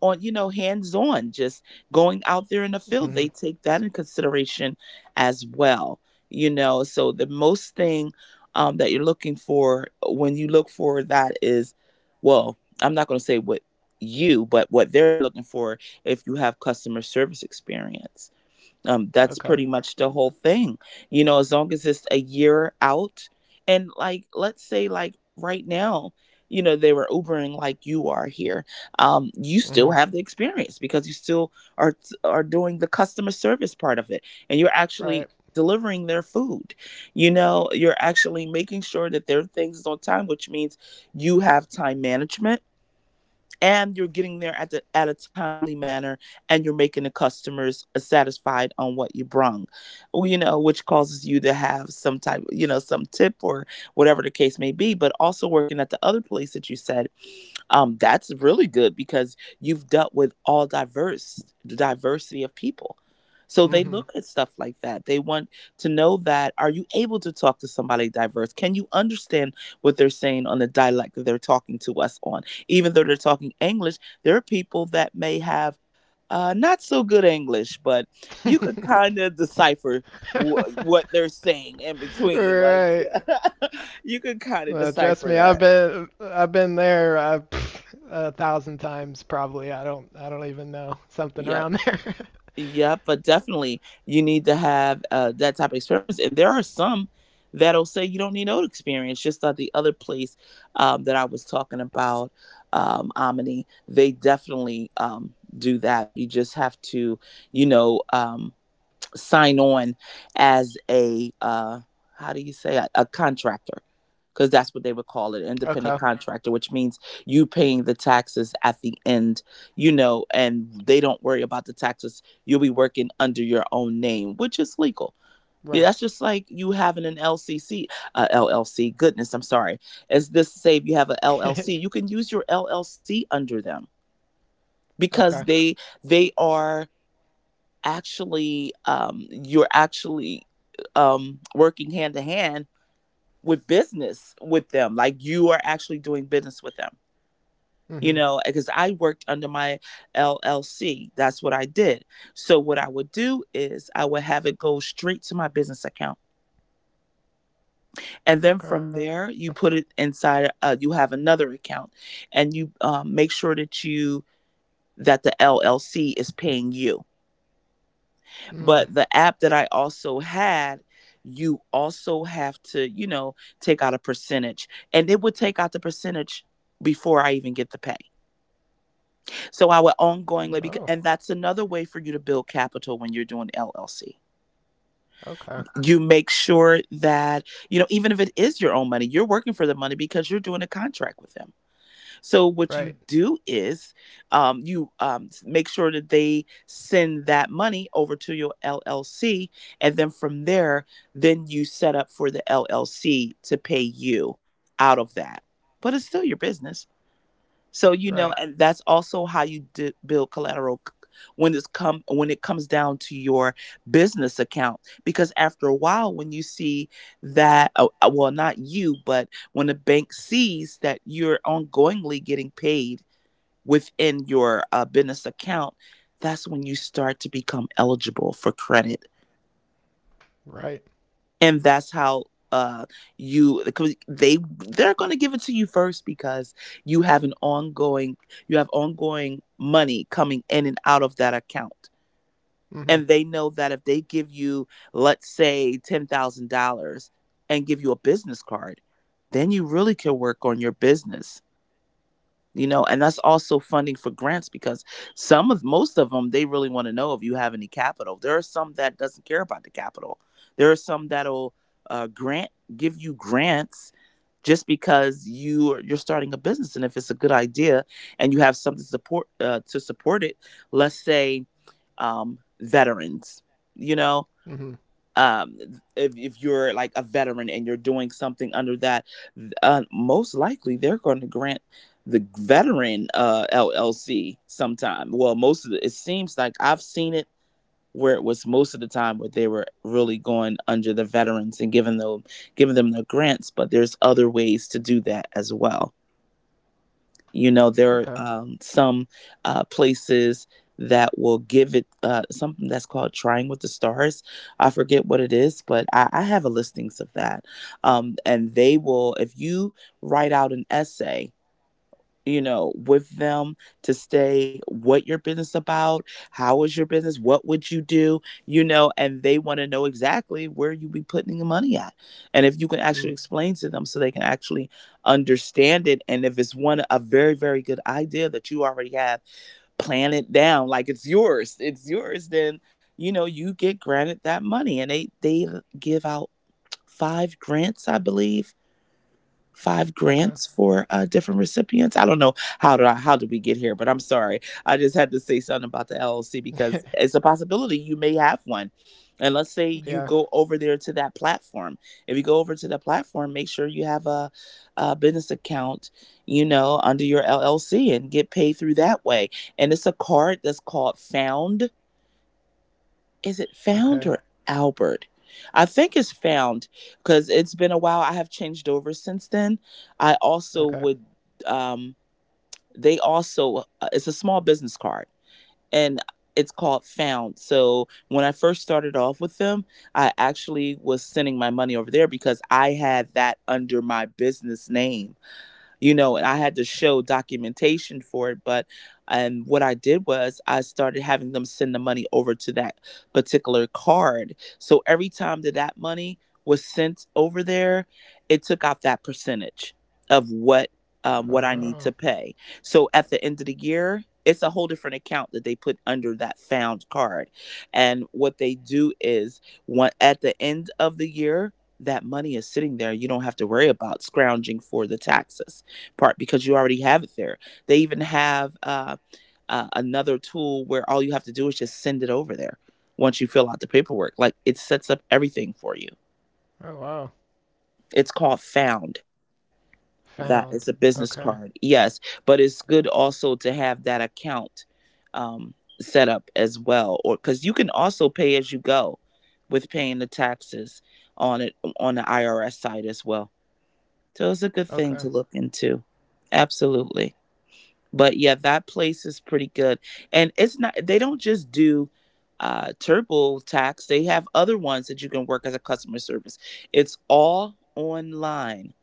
[SPEAKER 2] on you know hands on, just going out there in the field. They
[SPEAKER 1] Mm-hmm.
[SPEAKER 2] take that in consideration as well. You know, so the most thing, that you're looking for when you look for that is, well, I'm not going to say what you but what they're looking for, if you have customer service experience, that's pretty
[SPEAKER 1] Okay.
[SPEAKER 2] much the whole thing. You know, as long as it's a year out, and like let's say, like right now, you know, they were ubering like you are here, you still have
[SPEAKER 1] Mm-hmm.
[SPEAKER 2] the experience because you still are doing the customer service part of it, and you're actually
[SPEAKER 1] Right.
[SPEAKER 2] delivering their food. You know, you're actually making sure that their things is on time, which means you have time management, and you're getting there at the at a timely manner, and you're making the customers satisfied on what you brung. Well, you know, which causes you to have some type, some tip or whatever the case may be. But also working at the other place that you said, that's really good, because you've dealt with all diverse the diversity of people. So they look at
[SPEAKER 1] Mm-hmm.
[SPEAKER 2] stuff like that. They want to know that, are you able to talk to somebody diverse? Can you understand what they're saying on the dialect that they're talking to us on, even though they're talking English? There are people that may have not so good English, but you could kind of decipher what they're saying in between, like,
[SPEAKER 1] Right.
[SPEAKER 2] you could kind of
[SPEAKER 1] Trust
[SPEAKER 2] decipher
[SPEAKER 1] me, I've
[SPEAKER 2] that.
[SPEAKER 1] been I've been there pff, a thousand times probably. I don't even know
[SPEAKER 2] Yep.
[SPEAKER 1] something around there.
[SPEAKER 2] Yeah, but definitely you need to have that type of experience. And there are some that'll say you don't need no experience. Just like the other place, that I was talking about, Omni, they definitely do that. You just have to, you know. Sign on as a, how do you say, a contractor, because that's what they would call it,
[SPEAKER 1] Okay,
[SPEAKER 2] independent contractor, which means you paying the taxes at the end. You know, and they don't worry about the taxes. You'll be working under your own name, which is legal. Yeah, that's
[SPEAKER 1] right.
[SPEAKER 2] just like you having an LCC, LLC. Goodness, I'm sorry. As this say, if you have an LLC, you can use your LLC under them, because
[SPEAKER 1] okay.
[SPEAKER 2] they are actually, you're actually, working hand to hand with business with them. Like you are actually doing business with them. You
[SPEAKER 1] Mhm.
[SPEAKER 2] know, because I worked under my LLC. That's what I did. So what I would do is I would have it go straight to my business account, and then from
[SPEAKER 1] Okay.
[SPEAKER 2] there you put it inside. You have another account, and you, make sure that you that the LLC is paying you. But the
[SPEAKER 1] Mm.
[SPEAKER 2] app that I also had, you also have to, you know, take out a percentage. And it would take out the percentage before I even get the pay. So I would ongoingly, bec- and
[SPEAKER 1] Oh.
[SPEAKER 2] that's another way for you to build capital when you're doing LLC.
[SPEAKER 1] Okay.
[SPEAKER 2] You make sure that, you know, even if it is your own money, you're working for the money, because you're doing a contract with them. So what
[SPEAKER 1] Right.
[SPEAKER 2] you do is, you, make sure that they send that money over to your LLC, and then from there, then you set up for the LLC to pay you out of that. But it's still your business. So you know,
[SPEAKER 1] Right.
[SPEAKER 2] and that's also how you build collateral when it comes down to your business account. Because after a while, when you see that, well, not you, but when the bank sees that you're ongoingly getting paid within your business account, that's when you start to become eligible for credit.
[SPEAKER 1] Right.
[SPEAKER 2] And that's how, uh you, because they're going to give it to you first, because you have an ongoing you have ongoing money coming in and out of that account. And they
[SPEAKER 1] Mhm.
[SPEAKER 2] know that if they give you, let's say, $10,000, and give you a business card, then you really can work on your business. You know, and that's also funding for grants, because some of most of them, they really want to know if you have any capital. There are some that doesn't care about the capital. There are some that'll grant give you grants just because you're starting a business, and if it's a good idea, and you have something to support it. Let's say, veterans. You know,
[SPEAKER 1] Mhm.
[SPEAKER 2] um if you're like a veteran and you're doing something under that, most likely they're going to grant the veteran, LLC sometime. Well, most of the, it seems like I've seen it, where it was most of the time where they were really going under the veterans and giving them the grants. But there's other ways to do that as well. You know, there are,
[SPEAKER 1] Okay.
[SPEAKER 2] some, places that will give it, something that's called trying with the stars. I forget what it is, but I have a listings of that. And they will, if you write out an essay, you know, with them, to stay what your business about, how is your business, what would you do, you know, and they want to know exactly where you be putting the money at. And if you can actually
[SPEAKER 1] Mm.
[SPEAKER 2] explain to them so they can actually understand it. And if it's one a very, very good idea that you already have, plan it down like it's yours. It's yours, then you know, you get granted that money. And they give out five grants, I believe, five
[SPEAKER 1] Okay.
[SPEAKER 2] grants for different recipients. I don't know how did we get here, but I'm sorry. I just had to say something about the LLC because it's a possibility you may have one. And let's say you
[SPEAKER 1] yeah.
[SPEAKER 2] go over there to that platform. If you go over to the platform, make sure you have a business account, you know, under your LLC, and get paid through that way. And it's a card that's called Found. Is it Found
[SPEAKER 1] Okay.
[SPEAKER 2] or Albert? I think it's Found, because it's been a while. I have changed over since then. I also
[SPEAKER 1] Okay.
[SPEAKER 2] would, um, they also, It's a small business card, and it's called Found. So when I first started off with them, I actually was sending my money over there because I had that under my business name, you know, and I had to show documentation for it. But and what I did was I started having them send the money over to that particular card. So every time that money was sent over there, it took out that percentage of what I
[SPEAKER 1] Oh.
[SPEAKER 2] need to pay. So at the end of the year, it's a whole different account that they put under that Found card. And what they do is one, at the end of the year, that money is sitting there. You don't have to worry about scrounging for the taxes part because you already have it there. They even have another tool where all you have to do is just send it over there once you fill out the paperwork. Like, it sets up everything for you.
[SPEAKER 1] Oh wow.
[SPEAKER 2] It's called Found.
[SPEAKER 1] Found.
[SPEAKER 2] That is a business
[SPEAKER 1] Okay.
[SPEAKER 2] card, yes, but it's good also to have that account um, set up as well, or because you can also pay as you go with paying the taxes on it, on the IRS side as well. So it's a good
[SPEAKER 1] Okay.
[SPEAKER 2] thing to look into. Absolutely. But yeah, that place is pretty good, and it's not, they don't just do TurboTax. They have other ones that you can work as a customer service. It's all online.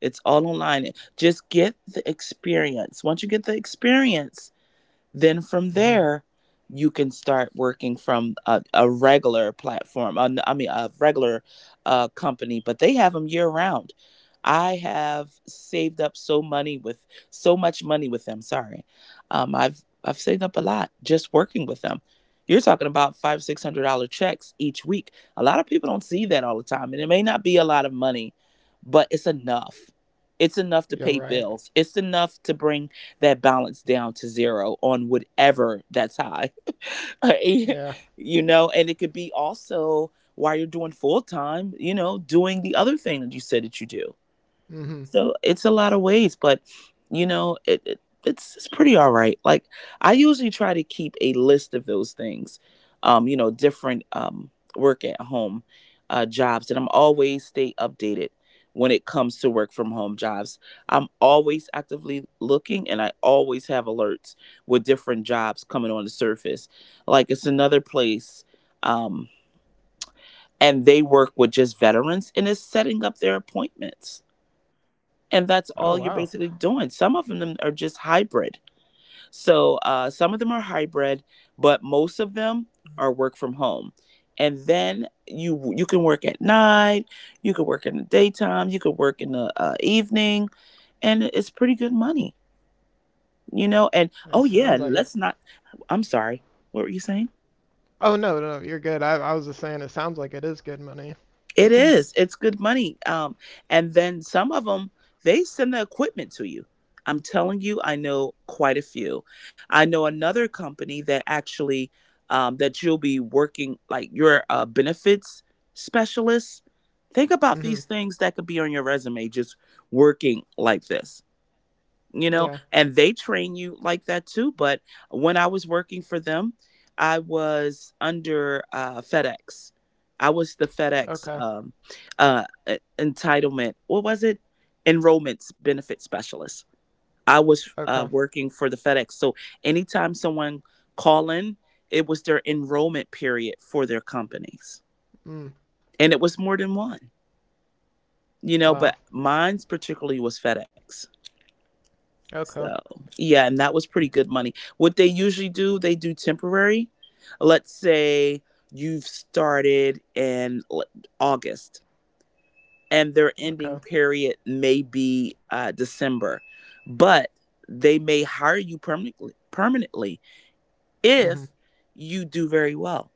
[SPEAKER 2] It's all online. Just get the experience. Once you get the experience, then from
[SPEAKER 1] Mhm.
[SPEAKER 2] there, you can start working from a regular platform. I mean, a regular company, but they have them year round. I have saved up so money with so much money with them. Sorry, I've saved up a lot just working with them. You're talking about five six hundred dollar checks each week. A lot of people don't see that all the time, and it may not be a lot of money, but it's enough. It's enough to
[SPEAKER 1] You're
[SPEAKER 2] pay
[SPEAKER 1] right.
[SPEAKER 2] bills. It's enough to bring that balance down to zero on whatever that's high.
[SPEAKER 1] Yeah.
[SPEAKER 2] You know, and it could be also while you're doing full time, you know, doing the other thing that you said that you do.
[SPEAKER 1] Mhm.
[SPEAKER 2] So it's a lot of ways, but you know, it, it's pretty all right. Like, I usually try to keep a list of those things. You know, different work at home jobs, and I'm always stay updated when it comes to work from home jobs. I'm always actively looking, and I always have alerts with different jobs coming on the surface. Like, it's another place um and they work with just veterans, and it's setting up their appointments, and that's
[SPEAKER 1] Oh
[SPEAKER 2] all
[SPEAKER 1] wow.
[SPEAKER 2] you're basically doing. Some of them are just hybrid. So some of them are hybrid, but most of them are work from home. And then you can work at night, you can work in the daytime, you can work in the evening, and it's pretty good money. You know, and
[SPEAKER 1] It
[SPEAKER 2] oh
[SPEAKER 1] sounds like
[SPEAKER 2] yeah,
[SPEAKER 1] it.
[SPEAKER 2] let's not. I'm sorry, what were you saying?
[SPEAKER 1] Oh no, no, you're good. I was just saying it sounds like it is good money.
[SPEAKER 2] It is. It's good money. And then some of them, they send the equipment to you. I'm telling you, I know quite a few. I know another company that actually that you'll be working like your benefits specialist. Think about these
[SPEAKER 1] Mhm.
[SPEAKER 2] things that could be on your resume, just working like this.
[SPEAKER 1] Yeah.
[SPEAKER 2] You know, and they train you like that too. But when I was working for them, I was under FedEx. I was the FedEx
[SPEAKER 1] Okay.
[SPEAKER 2] entitlement. What was it? Enrollment benefit specialist. I was
[SPEAKER 1] Okay.
[SPEAKER 2] working for the FedEx. So anytime someone call in, it was their enrollment period for their companies,
[SPEAKER 1] Mm.
[SPEAKER 2] and it was more than one. You know, but
[SPEAKER 1] Wow.
[SPEAKER 2] mine's particularly was FedEx.
[SPEAKER 1] Okay.
[SPEAKER 2] So yeah, and that was pretty good money. What they usually do, they do temporary. Let's say you've started in August, and their ending
[SPEAKER 1] Okay.
[SPEAKER 2] period may be December, but they may hire you permanently. Permanently,
[SPEAKER 1] Mhm.
[SPEAKER 2] if you do very well.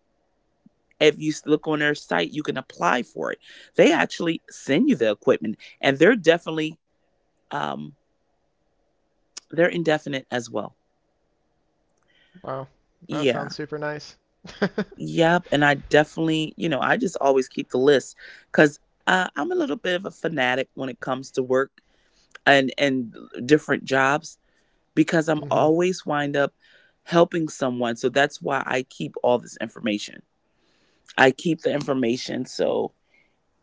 [SPEAKER 2] If you look on their site, you can apply for it. They actually send you the equipment, and they're definitely um, they're indefinite as well.
[SPEAKER 1] Wow. That sounds
[SPEAKER 2] Yeah.
[SPEAKER 1] super nice.
[SPEAKER 2] Yep. And I definitely, you know, I just always keep the list, because I'm a little bit of a fanatic when it comes to work, and different jobs, because
[SPEAKER 1] Mhm.
[SPEAKER 2] I'm always wind up helping someone. So that's why I keep all this information. I keep the information so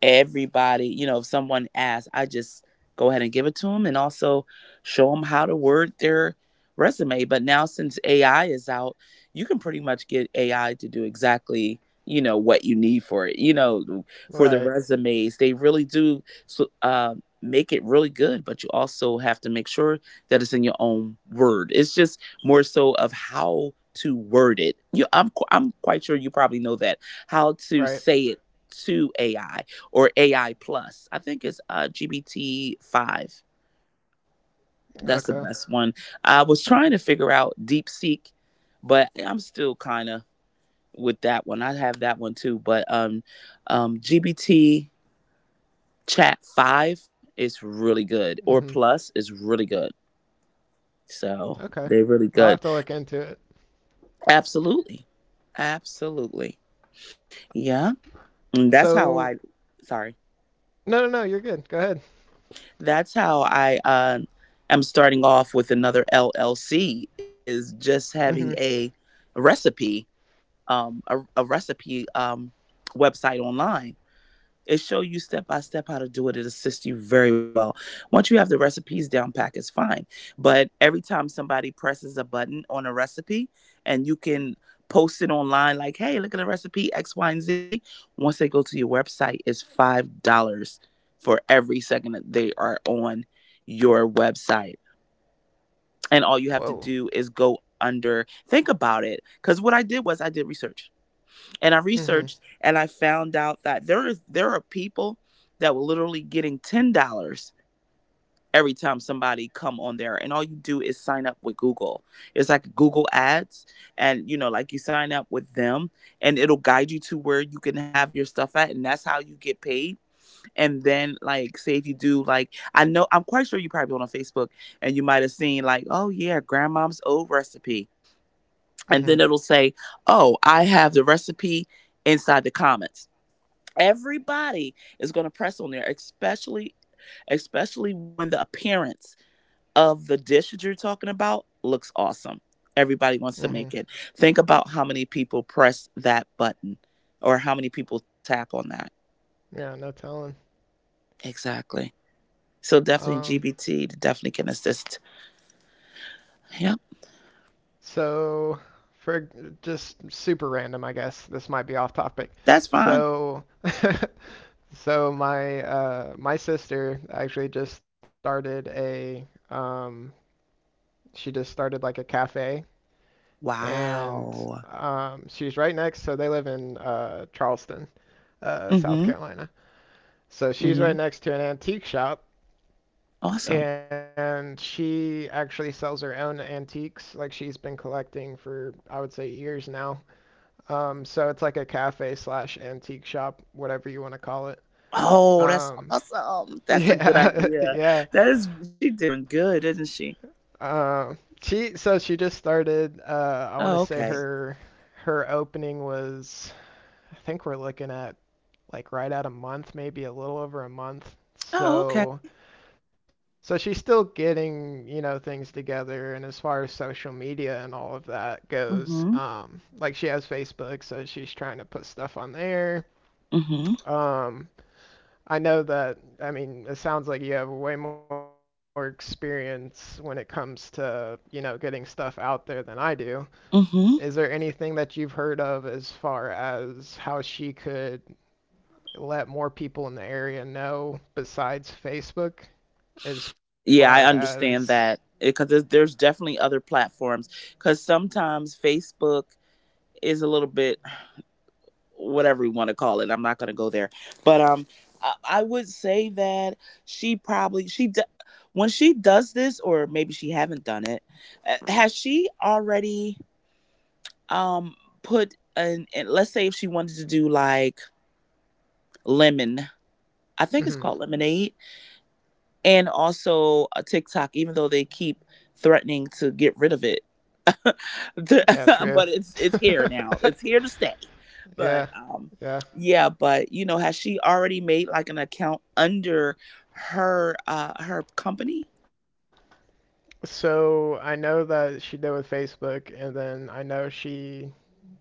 [SPEAKER 2] everybody, you know, if someone asks, I just go ahead and give it to them, and also show them how to word their resume. But now since AI is out, you can pretty much get AI to do exactly, you know, what you need for it. You know, for the
[SPEAKER 1] Right.
[SPEAKER 2] resumes, they really do so, make it really good, but you also have to make sure that it's in your own word. It's just more so of how to word it. I'm quite sure you probably know that, how to
[SPEAKER 1] Right.
[SPEAKER 2] say it to AI or AI plus. I think it's GBT five.
[SPEAKER 1] Okay.
[SPEAKER 2] That's the best one. I was trying to figure out DeepSeek, but I'm still kind of with that one. I have that one too, but GBT Chat five is really good,
[SPEAKER 1] Mhm.
[SPEAKER 2] or plus is really good. So
[SPEAKER 1] Okay.
[SPEAKER 2] they're really
[SPEAKER 1] I'll have to
[SPEAKER 2] good.
[SPEAKER 1] look into it.
[SPEAKER 2] Absolutely, absolutely. Yeah, and that's how
[SPEAKER 1] So,
[SPEAKER 2] I. Sorry.
[SPEAKER 1] no, no, no, you're good. Go ahead.
[SPEAKER 2] That's how I am starting off with another LLC, is just
[SPEAKER 1] Mhm.
[SPEAKER 2] having recipe, a recipe website online. It shows you step by step how to do it. It assists you very well. Once you have the recipes down pack, it's fine. But every time somebody presses a button on a recipe, and you can post it online like, hey, look at the recipe X, Y, and Z. Once they go to your website, it's $5 for every second that they are on your website. And
[SPEAKER 1] Whoa.
[SPEAKER 2] all you have to do is go under, think about it. Because what I did was I did research, and I
[SPEAKER 1] Mhm.
[SPEAKER 2] researched and I found out that there is, there are people that were literally getting $10 every time somebody come on there, and all you do is sign up with Google. It's like Google Ads, and you know, like you sign up with them, and it'll guide you to where you can have your stuff at, and that's how you get paid. And then like say if you do, like I know I'm quite sure you probably went on Facebook, and you might have seen like, oh yeah, grandmom's old recipe,
[SPEAKER 1] Mhm.
[SPEAKER 2] and then it'll say, oh, I have the recipe inside the comments. Everybody is going to press on there, especially, especially when the appearance of the dish that you're talking about looks awesome, everybody
[SPEAKER 1] Mhm.
[SPEAKER 2] wants to make it. Think about how many people press that button or how many people tap on that.
[SPEAKER 1] Yeah, no telling.
[SPEAKER 2] Exactly. So definitely
[SPEAKER 1] Um.
[SPEAKER 2] GBT definitely can assist. Yep.
[SPEAKER 1] So, for just super random, I guess this might be off topic.
[SPEAKER 2] That's fine.
[SPEAKER 1] So, so my my sister actually just started a um, she just started like a cafe, and
[SPEAKER 2] Wow.
[SPEAKER 1] she's right next. So they live in Charleston, South
[SPEAKER 2] Mm-hmm.
[SPEAKER 1] Carolina. So she's
[SPEAKER 2] Mm-hmm.
[SPEAKER 1] right next to an antique shop,
[SPEAKER 2] Awesome.
[SPEAKER 1] and she actually sells her own antiques. Like she's been collecting for I would say years now. So it's like a cafe slash antique shop, whatever you want to call it.
[SPEAKER 2] Oh, that's
[SPEAKER 1] Um,
[SPEAKER 2] awesome, that's a good
[SPEAKER 1] yeah,
[SPEAKER 2] idea.
[SPEAKER 1] yeah.
[SPEAKER 2] That is, she's doing good, isn't she?
[SPEAKER 1] She so she just started. I want to
[SPEAKER 2] Oh,
[SPEAKER 1] say
[SPEAKER 2] okay.
[SPEAKER 1] her her opening was I think we're looking at like right at a month, maybe a little over a month.
[SPEAKER 2] Oh, okay.
[SPEAKER 1] So so she's still getting you know things together, and as far as social media and all of that
[SPEAKER 2] Mm-hmm.
[SPEAKER 1] goes, like she has Facebook, so she's trying to put stuff on there.
[SPEAKER 2] Mm-hmm.
[SPEAKER 1] Um, I know that, I mean, it sounds like you have way more experience when it comes to, you know, getting stuff out there than I do.
[SPEAKER 2] Mm-hmm.
[SPEAKER 1] Is there anything that you've heard of as far as how she could let more people in the area know besides Facebook? As
[SPEAKER 2] Yeah, I
[SPEAKER 1] far
[SPEAKER 2] understand
[SPEAKER 1] as,
[SPEAKER 2] that, because there's definitely other platforms. Because sometimes Facebook is a little bit, whatever you want to call it. I'm not going to go there, but I would say that she probably she d- when she does this, or maybe she haven't done it. Has she already um put an? And let's say if she wanted to do like lemon, I think it's called Lemonade,
[SPEAKER 1] hmm
[SPEAKER 2] and also TikTok, even though they keep threatening to get rid of it.
[SPEAKER 1] yeah,
[SPEAKER 2] But
[SPEAKER 1] true.
[SPEAKER 2] it's here now. It's here to stay. But
[SPEAKER 1] Yeah, yeah.
[SPEAKER 2] yeah, but you know, has she already made like an account under her company?
[SPEAKER 1] So I know that she did with Facebook, and then I know she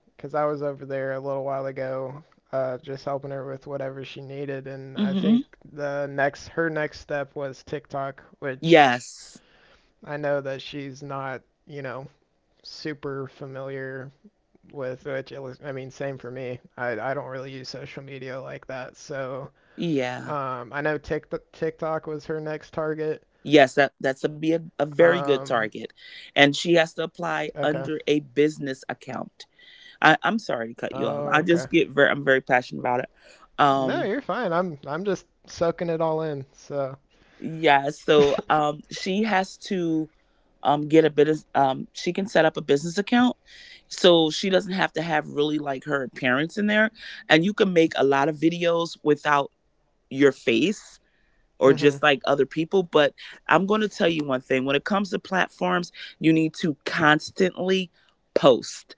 [SPEAKER 1] because I was over there a little while ago, just helping her with whatever she needed. And I think
[SPEAKER 2] Mhm.
[SPEAKER 1] the next her next step was TikTok, which
[SPEAKER 2] Yes.
[SPEAKER 1] I know that she's not, you know, super familiar with. Which it was- I mean, same for me. I don't really use social media like that, so
[SPEAKER 2] Yeah.
[SPEAKER 1] I know TikTok was her next target.
[SPEAKER 2] Yes, that that's a be a
[SPEAKER 1] Um,
[SPEAKER 2] very good target. And she has to
[SPEAKER 1] okay.
[SPEAKER 2] apply under a business account. I'm sorry to cut
[SPEAKER 1] Oh,
[SPEAKER 2] you off.
[SPEAKER 1] okay.
[SPEAKER 2] I just get very, I'm very passionate about it.
[SPEAKER 1] No, you're
[SPEAKER 2] Um,
[SPEAKER 1] fine. I'm just soaking it all in. So.
[SPEAKER 2] Yeah, so she has to get a business. She can set up a business account, so she doesn't have to have really like her appearance in there. And you can make a lot of videos without your face, or just
[SPEAKER 1] Hmm.
[SPEAKER 2] like other people. But I'm going to tell you one thing when it comes to platforms, you need to constantly post.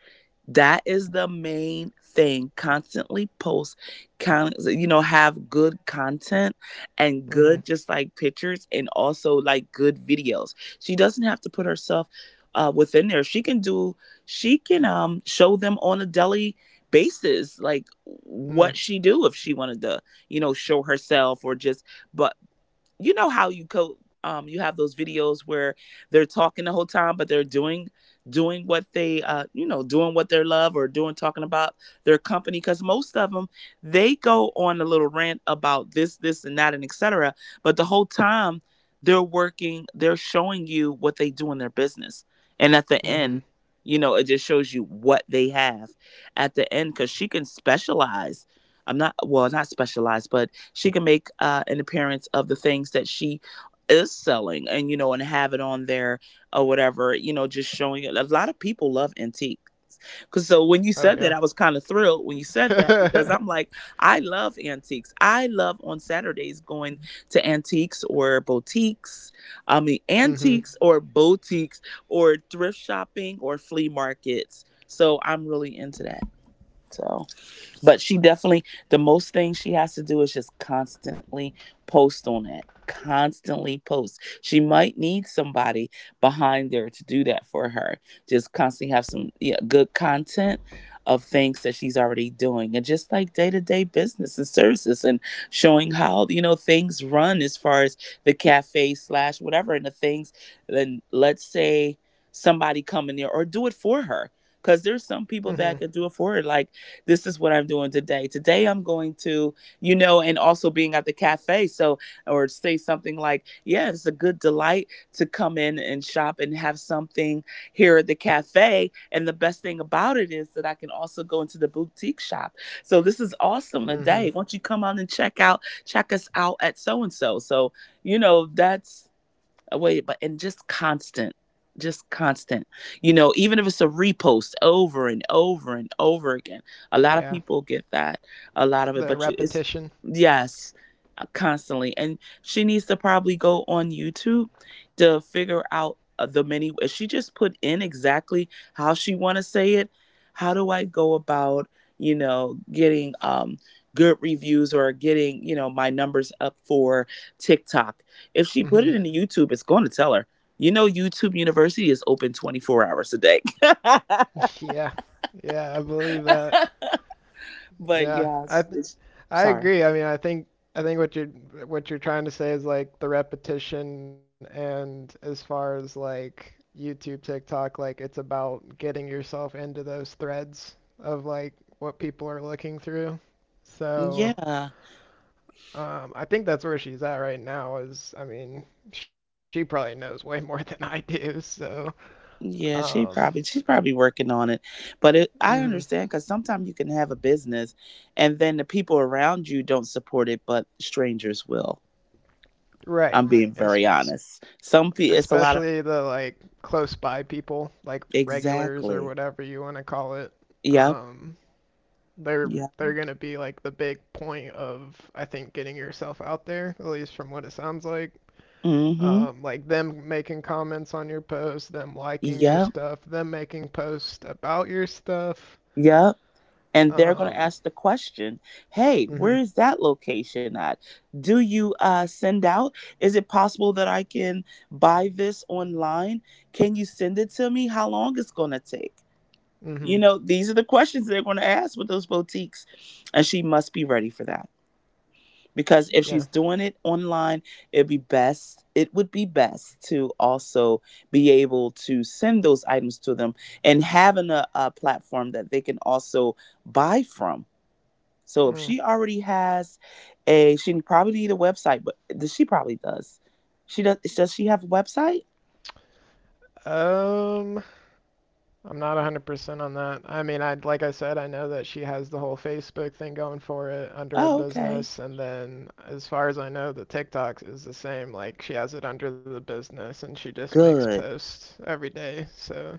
[SPEAKER 2] That is the main thing. You know, have good content and
[SPEAKER 1] Mm-hmm.
[SPEAKER 2] good, just like pictures and also like good videos. She doesn't have to put herself within there. She can do, she can show them on a daily basis, like what
[SPEAKER 1] Mm.
[SPEAKER 2] she do if she wanted to, you know, show herself or just, but you know how you have those videos where they're talking the whole time but they're doing what they doing what they love or doing talking about their company, because most of them they go on a little rant about this and that and etc, but the whole time they're working, they're showing you what they do in their business. And at the
[SPEAKER 1] Mm-hmm.
[SPEAKER 2] end, you know, it just shows you what they have at the end, because she can specialize. I'm not well not specialize but She can make an appearance of the things that she is selling, and you know, and have it on there or whatever. You know, just showing it, a lot of people love antique because, so when you
[SPEAKER 1] Oh
[SPEAKER 2] said that
[SPEAKER 1] yeah.
[SPEAKER 2] I was kind of thrilled when you said that, because I'm like, I love antiques. I love on Saturdays going to antiques or boutiques. I mean
[SPEAKER 1] Mm-hmm.
[SPEAKER 2] antiques or boutiques or thrift shopping or flea markets, so I'm really into that. So but she definitely, the most thing she has to do is just constantly post on it. Constantly post. She might need somebody behind there to do that for her. Just constantly have some, yeah, good content of things that she's already doing, and just like day to day business and services, and showing how, you know, things run as far as the cafe slash whatever, and the things. Then let's say somebody come in there or do it for her, because there's some
[SPEAKER 1] Mm-hmm.
[SPEAKER 2] people that can do it for her, like this is what I'm doing today. Today I'm going to, you know, and also being at the cafe. So, or say something like, yeah, it's a good delight to come in and shop and have something here at the cafe. And the best thing about it is that I can also go into the boutique shop. So this is awesome today.
[SPEAKER 1] Mm-hmm.
[SPEAKER 2] Won't you come on and check out, check us out at so and so. So, you know, that's, I waited, but and just constant, just constant. You know, even if it's a repost over and over and over again, a lot of
[SPEAKER 1] Yeah.
[SPEAKER 2] people get that, a lot of it.
[SPEAKER 1] The
[SPEAKER 2] But you- it's
[SPEAKER 1] repetition.
[SPEAKER 2] yes, constantly. And she needs to probably go on YouTube to figure out the many. If she just put in exactly how she want to say it, how do I go about, you know, getting good reviews or getting, you know, my numbers up for TikTok, if she put it in
[SPEAKER 1] Mm-hmm.
[SPEAKER 2] the YouTube, it's going to tell her. You know, YouTube University is open 24 hours a day.
[SPEAKER 1] Yeah. Yeah, I believe that.
[SPEAKER 2] But
[SPEAKER 1] Yeah.
[SPEAKER 2] yeah,
[SPEAKER 1] I
[SPEAKER 2] it's,
[SPEAKER 1] th-
[SPEAKER 2] it's
[SPEAKER 1] I
[SPEAKER 2] sorry.
[SPEAKER 1] agree. I mean, I think what you what you're trying to say is like the repetition and as far as like YouTube, TikTok, like it's about getting yourself into those threads of like what people are looking through. So,
[SPEAKER 2] Yeah.
[SPEAKER 1] um, I think that's where she's at right now. Is I mean, she probably knows way more than I do. So,
[SPEAKER 2] Yeah,
[SPEAKER 1] um,
[SPEAKER 2] she's probably working on it. But it, I
[SPEAKER 1] mhm.
[SPEAKER 2] understand, cuz sometimes you can have a business and then the people around you don't support it, but strangers will. I'm
[SPEAKER 1] Right.
[SPEAKER 2] being very
[SPEAKER 1] Es-
[SPEAKER 2] honest. Some people it's a lot
[SPEAKER 1] especially
[SPEAKER 2] of.
[SPEAKER 1] the like close by people, like regulars or
[SPEAKER 2] Exactly.
[SPEAKER 1] whatever you want to call it.
[SPEAKER 2] Yep.
[SPEAKER 1] Um, they're
[SPEAKER 2] Yep.
[SPEAKER 1] they're gonna be like the big point of I think getting yourself out there, at least from what it sounds like.
[SPEAKER 2] Mhm.
[SPEAKER 1] Like them making comments on your posts, them liking your
[SPEAKER 2] Yep.
[SPEAKER 1] stuff, them making posts about your stuff.
[SPEAKER 2] Yep. And they're going to
[SPEAKER 1] Um,
[SPEAKER 2] ask the question, hey, where
[SPEAKER 1] Mm-hmm.
[SPEAKER 2] is that location at, do you send out, is it possible that I can buy this online, can you send it to me, how long it's going to take. You
[SPEAKER 1] Mm-hmm.
[SPEAKER 2] know, these are the questions they're going to ask with those boutiques, and she must be ready for that, because if she's
[SPEAKER 1] Yeah.
[SPEAKER 2] doing it online, it would be best to also be able to send those items to them, and having a platform that they can also buy from. So if
[SPEAKER 1] Mm.
[SPEAKER 2] she already has a, she probably need a website, but th- she probably does. She does. Does she have a website?
[SPEAKER 1] Um, I'm not 100% on that. I mean, I like I said, I know that she has the whole Facebook thing going for it under a
[SPEAKER 2] Oh, okay.
[SPEAKER 1] business, and then as far as I know, the TikTok is the same. Like she has it under the business, and she just makes
[SPEAKER 2] Good.
[SPEAKER 1] posts every day.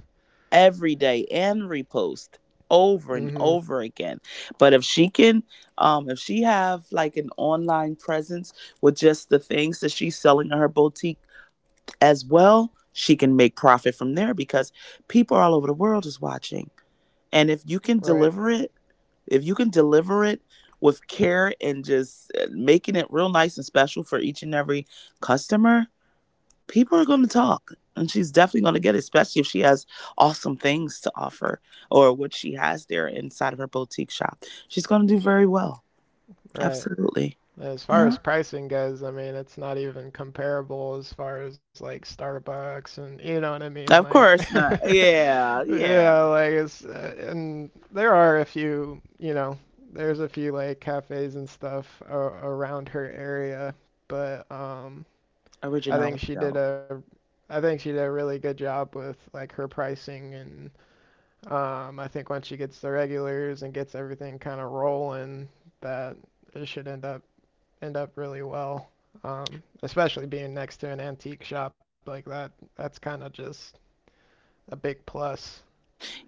[SPEAKER 2] Every day and repost over and
[SPEAKER 1] mm-hmm.
[SPEAKER 2] over again. But if she can, if she have like an online presence with just the things that she's selling in her boutique as well, she can make profit from there, because people all over the world is watching. And if you can
[SPEAKER 1] Right.
[SPEAKER 2] deliver it, if you can deliver it with care and just making it real nice and special for each and every customer, people are going to talk, and she's definitely going to get it, especially if she has awesome things to offer, or what she has there inside of her boutique shop, she's going to do very well.
[SPEAKER 1] Right.
[SPEAKER 2] Absolutely.
[SPEAKER 1] As far
[SPEAKER 2] Yeah,
[SPEAKER 1] as pricing goes, I mean, it's not even comparable as far as like Starbucks and you know what I mean?
[SPEAKER 2] of
[SPEAKER 1] Like,
[SPEAKER 2] course not, yeah,
[SPEAKER 1] yeah,
[SPEAKER 2] yeah.
[SPEAKER 1] like and there are a few, you know, there's a few like cafes and stuff a around her area, but I
[SPEAKER 2] Originality
[SPEAKER 1] think she
[SPEAKER 2] though.
[SPEAKER 1] did a I think she did a really good job with like her pricing and I think once she gets the regulars and gets everything kind of rolling that it should end up really well. Especially being next to an antique shop like that, that's kind of just a big plus.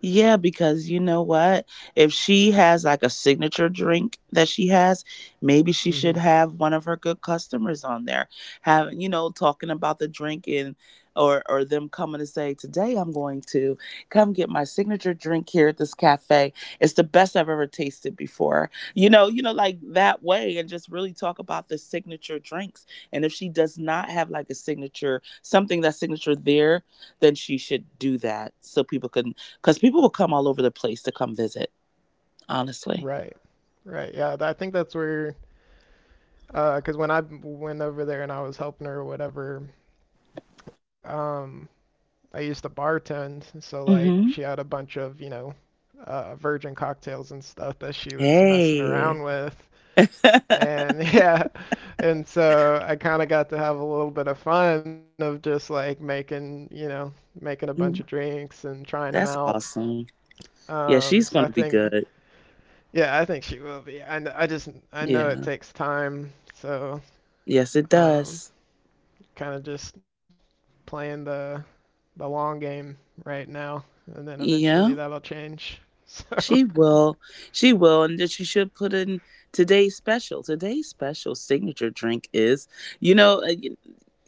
[SPEAKER 2] Yeah, because you know what? If she has like a signature drink that she has, maybe she should
[SPEAKER 1] hmm
[SPEAKER 2] have one of her good customers on there, having, you know, talking about the drink, and or them coming to say, today I'm going to come get my signature drink here at this cafe. It's the best I've ever tasted before. You know, like that way, and just really talk about the signature drinks. And if she does not have like a signature, something that's signature there, then she should do that so people can, because people will come all over the place to come visit. Honestly.
[SPEAKER 1] Right. Right. Yeah. I think that's where, 'cause when I went over there and I was helping her or whatever, um, I used to bartend. So like she
[SPEAKER 2] Mm-hmm.
[SPEAKER 1] had a bunch of, you know, virgin cocktails and stuff that she was messing around
[SPEAKER 2] Hey,
[SPEAKER 1] with. And yeah, and so I kind of got to have a little bit of fun of just like making, you know, making a bunch of drinks and trying them
[SPEAKER 2] that's
[SPEAKER 1] out.
[SPEAKER 2] awesome. Yeah,
[SPEAKER 1] Um,
[SPEAKER 2] she's
[SPEAKER 1] so I
[SPEAKER 2] gonna be
[SPEAKER 1] think,
[SPEAKER 2] good.
[SPEAKER 1] yeah, I think she will be. I just, I know it
[SPEAKER 2] Yeah.
[SPEAKER 1] takes time, so
[SPEAKER 2] Yes, it
[SPEAKER 1] um,
[SPEAKER 2] does.
[SPEAKER 1] kind of just playing the long game right now, and then eventually
[SPEAKER 2] Yeah.
[SPEAKER 1] that'll change. So
[SPEAKER 2] She will. She will. And that you should put in, today's special. Today's special signature drink is, you know,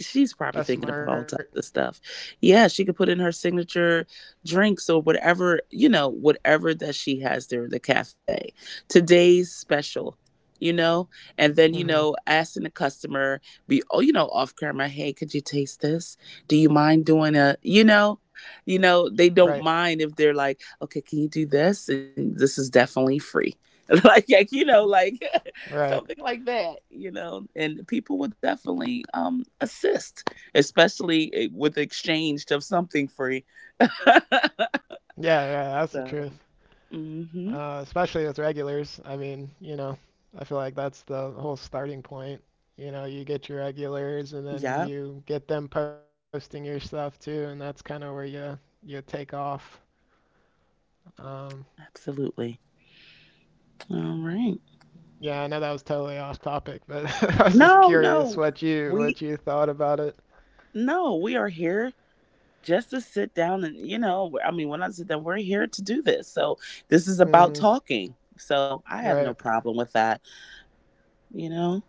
[SPEAKER 2] she's probably
[SPEAKER 1] that's
[SPEAKER 2] thinking about
[SPEAKER 1] smart.
[SPEAKER 2] all types of stuff. Yeah, she could put in her signature drinks or whatever, you know, whatever that she has there at the cafe. Today's special. You know, and then, you
[SPEAKER 1] hmm
[SPEAKER 2] know, asking the customer, be oh, you know, off camera, hey, could you taste this? Do you mind doing a, you know? You know, they
[SPEAKER 1] Right,
[SPEAKER 2] don't mind. If they're like, okay, can you do this? And this is definitely free. Like, you know, like
[SPEAKER 1] right.
[SPEAKER 2] something like that, you know, and people will definitely assist, especially with exchange of something free.
[SPEAKER 1] Yeah, yeah, that's the truth.
[SPEAKER 2] So, mm-hmm.
[SPEAKER 1] Especially with regulars. I mean, you know, I feel like that's the whole starting point. You know, you get your regulars and then
[SPEAKER 2] Yep,
[SPEAKER 1] you get them posting your stuff too, and that's kind of where you take off. Um,
[SPEAKER 2] absolutely. All right.
[SPEAKER 1] yeah, I know that was totally off topic, but I was just
[SPEAKER 2] No,
[SPEAKER 1] curious
[SPEAKER 2] no, we,
[SPEAKER 1] what you thought about it.
[SPEAKER 2] no, we are here just to sit down and, you know, I mean, when I sit down, we're here to do this. So this is
[SPEAKER 1] Mhm.
[SPEAKER 2] about talking, so I
[SPEAKER 1] Right.
[SPEAKER 2] have no problem with that, you know.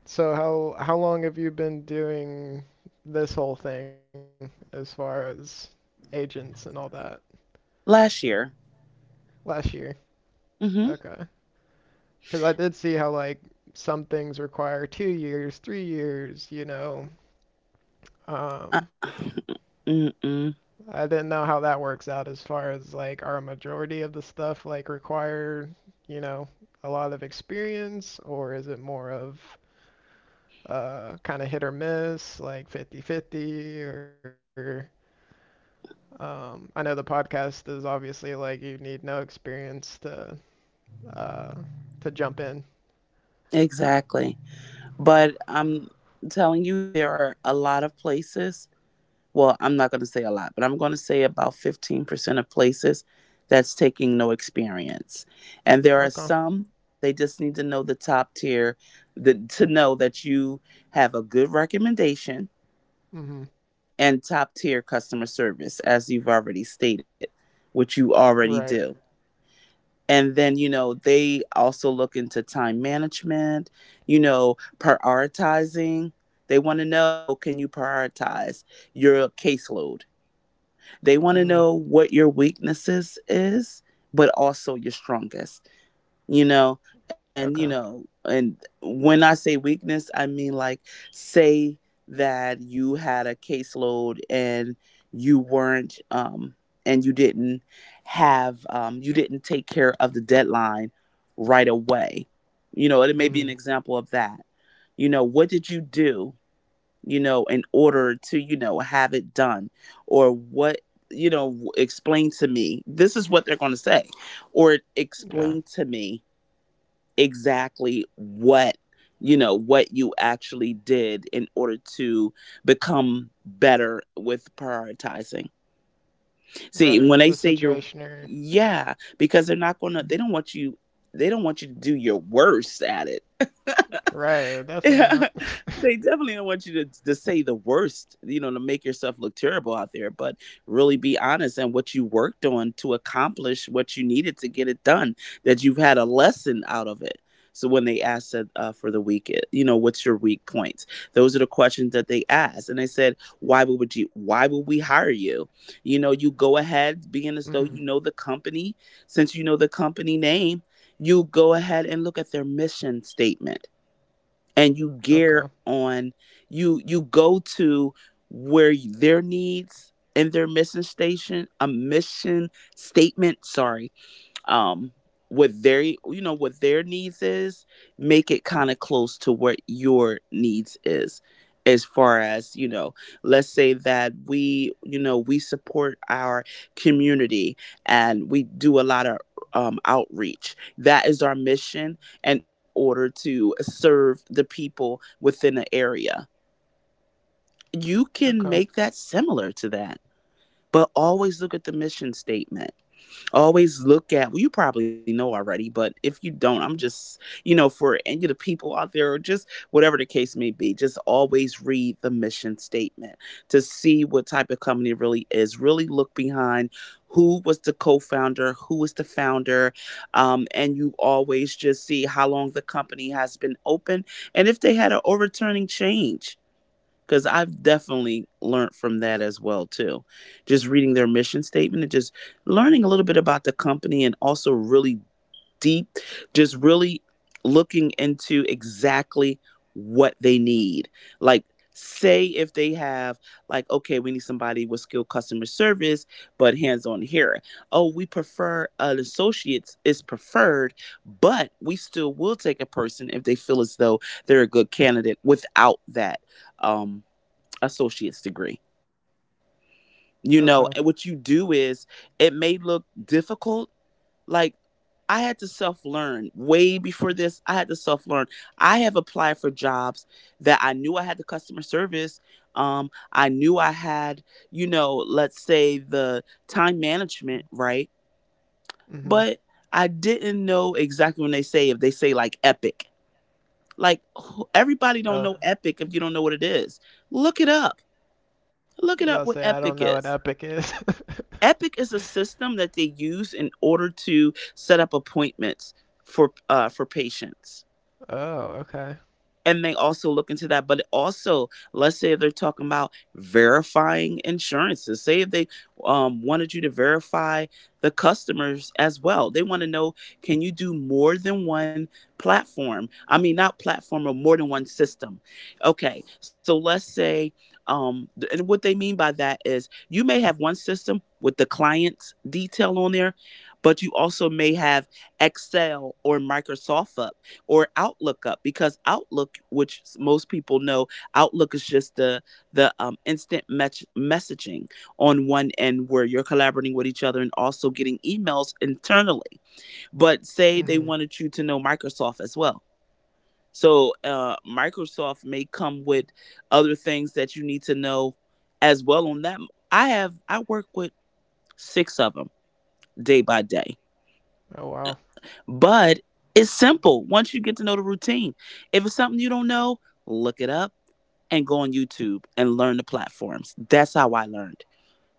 [SPEAKER 1] So how long have you been doing this whole thing as far as agents and all that?
[SPEAKER 2] Last year.
[SPEAKER 1] Last year.
[SPEAKER 2] Mm-hmm
[SPEAKER 1] Okay. Because I did see how like some things require 2 years, 3 years, you know.
[SPEAKER 2] uh,
[SPEAKER 1] Um, I
[SPEAKER 2] mm-mm,
[SPEAKER 1] didn't know how that works out as far as like are a majority of the stuff like require, you know, a lot of experience or is it more of kind of hit or miss, like fifty-fifty? Or I know the podcast is obviously like you need no experience uh, to jump in.
[SPEAKER 2] exactly. But I'm telling you, there are a lot of places, well I'm not going to say a lot, but I'm going to say about 15% of places that's taking no experience. And there
[SPEAKER 1] Okay.
[SPEAKER 2] are some, they just need to know the top tier, the, to know that you have a good recommendation
[SPEAKER 1] Mhm.
[SPEAKER 2] and top tier customer service, as you've already stated, which you
[SPEAKER 1] Right.
[SPEAKER 2] already do. And then, you know, they also look into time management, you know, prioritizing. They want to know, can you prioritize your caseload? They
[SPEAKER 1] Mm.
[SPEAKER 2] want to know what your weaknesses is, but also your strongest, you know. And you
[SPEAKER 1] Okay.
[SPEAKER 2] know and when I say weakness, I mean like, say that you had a caseload and you weren't and you didn't have you didn't take care of the deadline right away, you know, it may be
[SPEAKER 1] Mm,
[SPEAKER 2] an example of that. You know, what did you do, you know, in order to, you know, have it done, or what, you know, explain to me, this is what they're going to say, or
[SPEAKER 1] yeah,
[SPEAKER 2] explain to me exactly what, you know, what you actually did in order to become better with prioritizing.
[SPEAKER 1] right. The
[SPEAKER 2] See when they say you're,
[SPEAKER 1] situationer.
[SPEAKER 2] yeah, because they're not gonna, they don't want you, they don't want you to do your worst at it.
[SPEAKER 1] Right, definitely
[SPEAKER 2] Yeah,
[SPEAKER 1] not.
[SPEAKER 2] they definitely don't want you to say the worst, you know, to make yourself look terrible out there, but really be honest and what you worked on to accomplish what you needed to get it done, that you've had a lesson out of it. So when they asked that, for the week, it- you know, what's your weak points? Those are the questions that they asked. And they said, why would you, why would we hire you? You know, you go ahead
[SPEAKER 1] hmm.
[SPEAKER 2] being as though you know the company, since you know the company name, you go ahead and look at their mission statement, and you
[SPEAKER 1] Okay.
[SPEAKER 2] gear on, you go to where their needs and their mission station, a mission statement, sorry, um what their, you know, what their needs is, make it kind of close to what your needs is, as far as, you know, let's say that we, you know, we support our community, and we do a lot of outreach, that is our mission in order to serve the people within the area. You
[SPEAKER 1] Okay.
[SPEAKER 2] can make that similar to that, but always look at the mission statement. Always look at, well, you probably know already, but if you don't, I'm just, you know, for any of the people out there, or just whatever the case may be, just always read the mission statement to see what type of company it really is, really look behind, who was the co-founder, who was the founder, and you always just see how long the company has been open, and if they had an overturning change, because I've definitely learned from that as well too. Just reading their mission statement and just learning a little bit about the company and also really deep, just really looking into exactly what they need. Like say if they have like okay we need somebody with skilled customer service but hands on here. Oh, we prefer an associate is preferred, but we still will take a person if they feel as though they're a good candidate without that Um, associate's degree.
[SPEAKER 1] Okay.
[SPEAKER 2] You know, and what you do is it may look difficult. Like I had to self learn way before this. I had to self learn. I have applied for jobs that I knew I had the customer service. I knew I had, you know, let's say the time management, right?
[SPEAKER 1] Hmm.
[SPEAKER 2] But I didn't know exactly when they say if they say like Epic. Like everybody
[SPEAKER 1] Oh,
[SPEAKER 2] don't know Epic if you don't know what it is. Look it up.
[SPEAKER 1] did
[SPEAKER 2] Look
[SPEAKER 1] I
[SPEAKER 2] it up
[SPEAKER 1] say
[SPEAKER 2] what
[SPEAKER 1] I don't know
[SPEAKER 2] Epic
[SPEAKER 1] what
[SPEAKER 2] is.
[SPEAKER 1] epic is?
[SPEAKER 2] Epic is a system that they use in order to set up appointments for patients,
[SPEAKER 1] Oh, okay.
[SPEAKER 2] and they also look into that. But also let's say they're talking about verifying insurances. Say if they wanted you to verify the customers as well, they want to know can you do more than one platform I mean not platform, or more than one system. Okay, so let's say um and what they mean by that is you may have one system with the client's detail on there, but you also may have Excel or Microsoft up, or Outlook up. Because Outlook, which most people know, Outlook is just the instant match messaging on one end where you're collaborating with each other and also getting emails internally. But
[SPEAKER 1] Hmm.
[SPEAKER 2] say they wanted you to know Microsoft as well. So Microsoft may come with other things that you need to know as well on that. I work with six of them day by day.
[SPEAKER 1] Oh, wow.
[SPEAKER 2] But it's simple once you get to know the routine. If it's something you don't know, look it up and go on YouTube and learn the platforms. That's how I learned.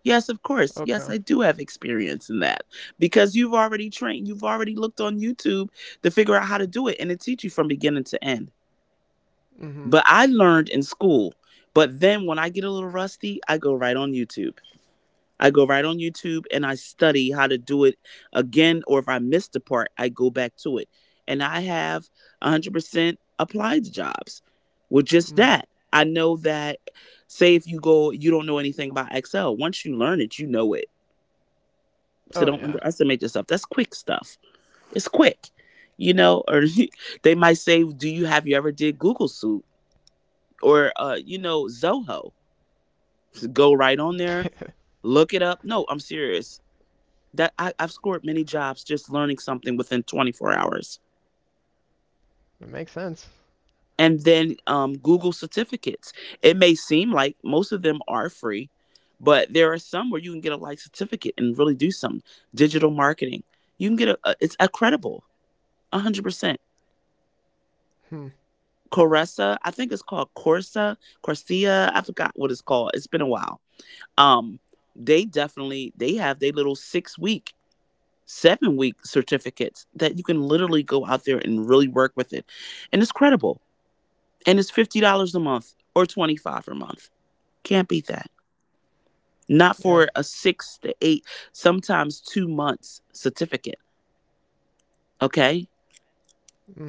[SPEAKER 2] Yes, of course.
[SPEAKER 1] Okay.
[SPEAKER 2] Yes, I do have experience in that, because you've already trained, you've already looked on YouTube to figure out how to do it and it teach you from beginning to end.
[SPEAKER 1] Hmm.
[SPEAKER 2] But I learned in school. But then when I get a little rusty, I go right on YouTube. I go right on YouTube and I study how to do it again, or if I missed a part, I go back to it. And I have 100% applied to jobs with just
[SPEAKER 1] Mm.
[SPEAKER 2] that. I know that, say, if you go, you don't know anything about Excel. Once you learn it, you know it.
[SPEAKER 1] Oh,
[SPEAKER 2] So
[SPEAKER 1] yeah.
[SPEAKER 2] don't underestimate yourself. That's quick stuff. It's quick. Or they might say, "Do you ever did Google Suite or you know Zoho?" Just go right on there, look it up. No, I'm serious that I've scored many jobs just learning something within 24 hours.
[SPEAKER 1] It makes sense.
[SPEAKER 2] And then Google certificates. It may seem like most of them are free, but there are some where you can get a like certificate and really do something. Digital marketing, you can get a it's accredible, 100%.
[SPEAKER 1] Hmm.
[SPEAKER 2] Coressa, I think it's called Corsa, Corsia. I forgot what it's called. It's been a while. Um, they definitely they have their little 6 week 7 week certificates that you can literally go out there and really work with it. And it's credible. And it's $50 a month or $25 a month. Can't beat that.
[SPEAKER 1] Yeah.
[SPEAKER 2] Not for a six to eight, sometimes 2 months certificate. Okay.
[SPEAKER 1] Hmm.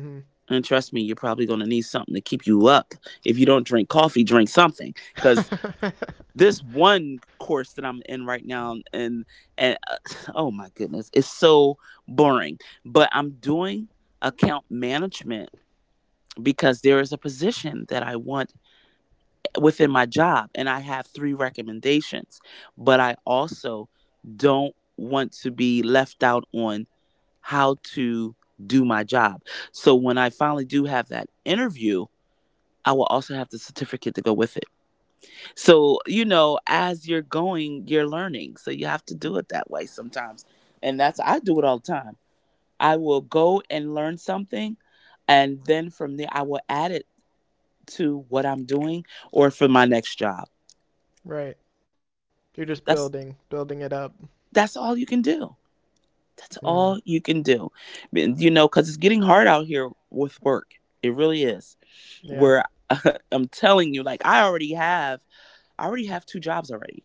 [SPEAKER 2] And trust me, you're probably going to need something to keep you up. If you don't drink coffee, drink something. Because this one course that I'm in right now, and oh my goodness, it's so boring. But I'm doing account management because there is a position that I want within my job and I have three recommendations, but I also don't want to be left out on how to do my job. So when I finally do have that interview, I will also have the certificate to go with it. So, you know, as you're going, you're learning. So you have to do it that way sometimes. And that's, I do it all the time. I will go and learn something. And then from there, I will add it to what I'm doing or for my next job.
[SPEAKER 1] Right. You're just building,
[SPEAKER 2] That's
[SPEAKER 1] building it up.
[SPEAKER 2] that's all you can do. That's
[SPEAKER 1] Hmm.
[SPEAKER 2] all you can do. You know, cuz it's getting hard out here with work. It really is.
[SPEAKER 1] Yeah.
[SPEAKER 2] Where I'm telling you like I already have two jobs already.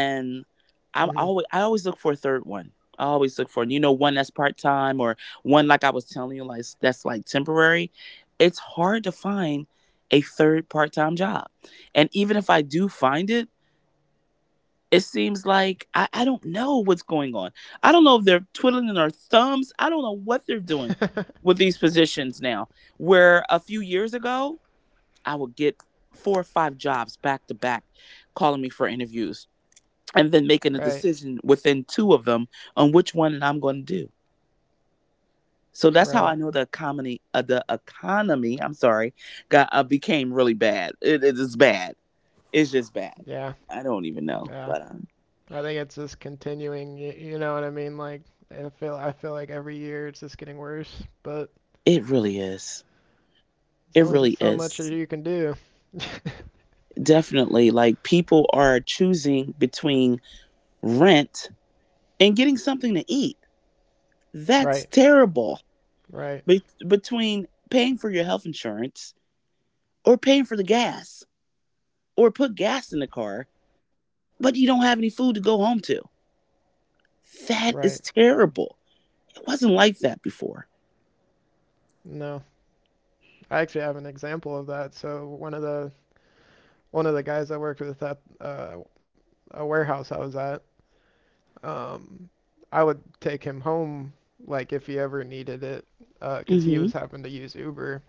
[SPEAKER 1] Hmm.
[SPEAKER 2] I always look for a third one. I always look for, you know, one that's part-time, or one like I was telling you like that's like temporary. It's hard to find a third part-time job. And even if I do find it, it seems like I don't know what's going on. I don't know if they're twiddling their thumbs. I don't know what they're doing with these positions now. Where a few years ago, I would get four or five jobs back to back calling me for interviews and then
[SPEAKER 1] Right.
[SPEAKER 2] making a decision within two of them on which one I'm going to do. So
[SPEAKER 1] Right.
[SPEAKER 2] that's how I know the economy, I'm sorry, got became really bad. It is bad. It's just bad.
[SPEAKER 1] Yeah.
[SPEAKER 2] I don't even
[SPEAKER 1] Yeah,
[SPEAKER 2] know, but
[SPEAKER 1] I think it's just continuing. You know what I mean? Like, I feel like every year it's just getting worse, but
[SPEAKER 2] it really is.
[SPEAKER 1] it's only
[SPEAKER 2] It
[SPEAKER 1] so
[SPEAKER 2] really
[SPEAKER 1] much as you
[SPEAKER 2] is.
[SPEAKER 1] can do.
[SPEAKER 2] Definitely. Like people are choosing between rent and getting something to eat.
[SPEAKER 1] Right,
[SPEAKER 2] That's terrible.
[SPEAKER 1] right,
[SPEAKER 2] Between paying for your health insurance or paying for the gas or put gas in the car, but you don't have any food to go home to.
[SPEAKER 1] right.
[SPEAKER 2] That is terrible. It wasn't like that before.
[SPEAKER 1] No, I actually have an example of that. So one of the guys I worked with at a warehouse I was at, um, I would take him home like if he ever needed it, uh, 'cause he was
[SPEAKER 2] Mm
[SPEAKER 1] having to use Uber.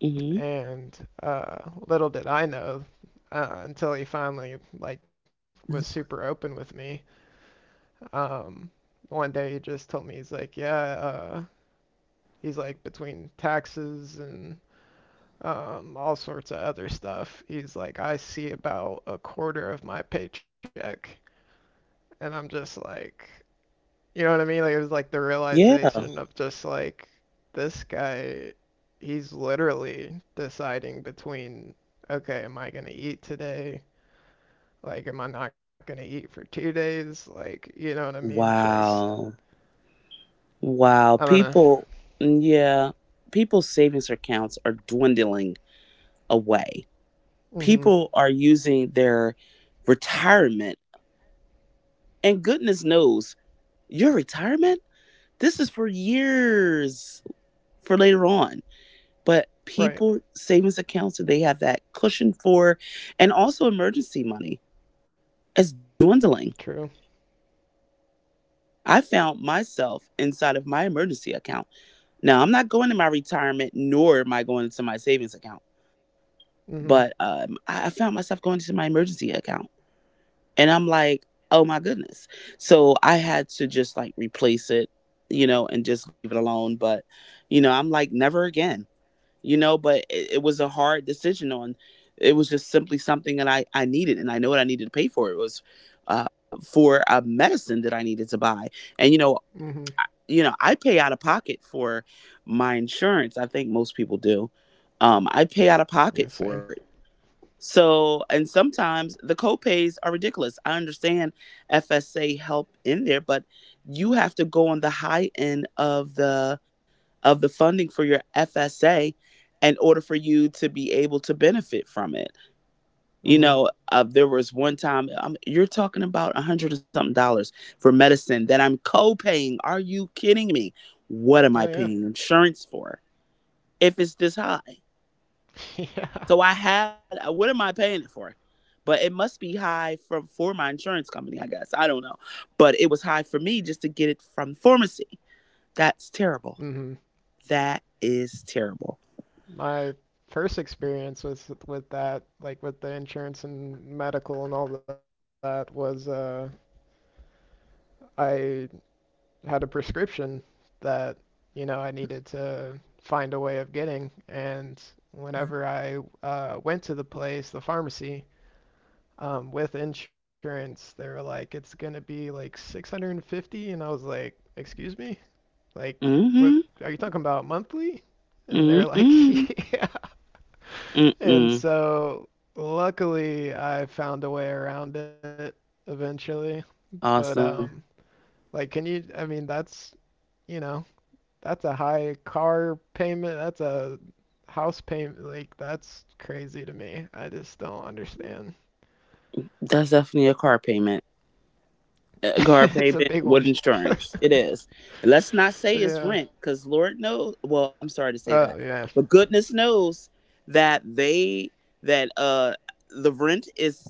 [SPEAKER 2] hmm. Mm
[SPEAKER 1] And little did I know until he finally like was super
[SPEAKER 2] hmm.
[SPEAKER 1] open with me. Um, one day he just told me he's like, yeah, he's like between taxes and all sorts of other stuff. He's like, I see about a quarter of my paycheck, and I'm just like, you know what I mean? Like it was like the
[SPEAKER 2] Yeah.
[SPEAKER 1] realization of just like this guy, he's literally deciding between, okay, am I gonna eat today? Like, am I not gonna eat for 2 days? Like, you know what I mean? Just,
[SPEAKER 2] Wow.
[SPEAKER 1] I
[SPEAKER 2] Wow.
[SPEAKER 1] don't know.
[SPEAKER 2] People, yeah, people's savings accounts are dwindling away.
[SPEAKER 1] Mm-hmm.
[SPEAKER 2] People are using their retirement, and goodness knows your retirement this is for years for later on. But
[SPEAKER 1] Right.
[SPEAKER 2] people savings accounts that they have that cushion for, and also emergency money, it's dwindling.
[SPEAKER 1] True.
[SPEAKER 2] I found myself inside of my emergency account. Now I'm not going to my retirement, nor am I going into my savings account,
[SPEAKER 1] Mm-hmm.
[SPEAKER 2] but I found myself going to my emergency account. And I'm like, oh my goodness. So I had to just like replace it, you know, and just leave it alone. But, you know, I'm like, never again, you know, but it was a hard decision on it. Was just simply something that I needed and I know what I needed to pay for. It was for a medicine that I needed to buy. And, you know,
[SPEAKER 1] Mm-hmm.
[SPEAKER 2] I pay out of pocket for my insurance. I think most people do. I pay out of
[SPEAKER 1] Yeah,
[SPEAKER 2] pocket
[SPEAKER 1] same.
[SPEAKER 2] for it. So, and sometimes the copays are ridiculous. I understand FSA help in there, but you have to go on the high end of the funding for your FSA in order for you to be able to benefit from it.
[SPEAKER 1] Mm-hmm.
[SPEAKER 2] You know, there was one time you're talking about a hundred and something dollars for medicine that I'm co-paying. Are you kidding me?
[SPEAKER 1] Oh
[SPEAKER 2] What am
[SPEAKER 1] yeah.
[SPEAKER 2] I paying insurance for if it's this high?
[SPEAKER 1] Yeah.
[SPEAKER 2] So I had what am I paying it for? But it must be high from for my insurance company, I guess. I don't know. But it was high for me just to get it from the pharmacy. That's terrible.
[SPEAKER 1] Mm-hmm.
[SPEAKER 2] That is terrible.
[SPEAKER 1] My first experience with that, like with the insurance and medical and all that was I had a prescription that, you know, I needed to find a way of getting. And whenever I went to the place, the pharmacy, with insurance, they were like, it's gonna be like 650. And I was like, excuse me? Like, what
[SPEAKER 2] Mm-hmm.
[SPEAKER 1] are you talking about monthly? And they were
[SPEAKER 2] Mm-mm.
[SPEAKER 1] like, yeah.
[SPEAKER 2] Mm-mm.
[SPEAKER 1] And so luckily I found a way around it eventually. But,
[SPEAKER 2] Awesome.
[SPEAKER 1] like, can you, I mean, that's, you know, that's a high car payment. That's a house payment. Like that's crazy to me. I just don't understand.
[SPEAKER 2] That's definitely a car payment.
[SPEAKER 1] It's a
[SPEAKER 2] A
[SPEAKER 1] big
[SPEAKER 2] car
[SPEAKER 1] one.
[SPEAKER 2] payment with insurance. It is. And let's
[SPEAKER 1] Yeah.
[SPEAKER 2] not say it's rent, because Lord knows, well, I'm
[SPEAKER 1] Oh
[SPEAKER 2] sorry to say
[SPEAKER 1] yeah.
[SPEAKER 2] that. But goodness knows that they that the rent is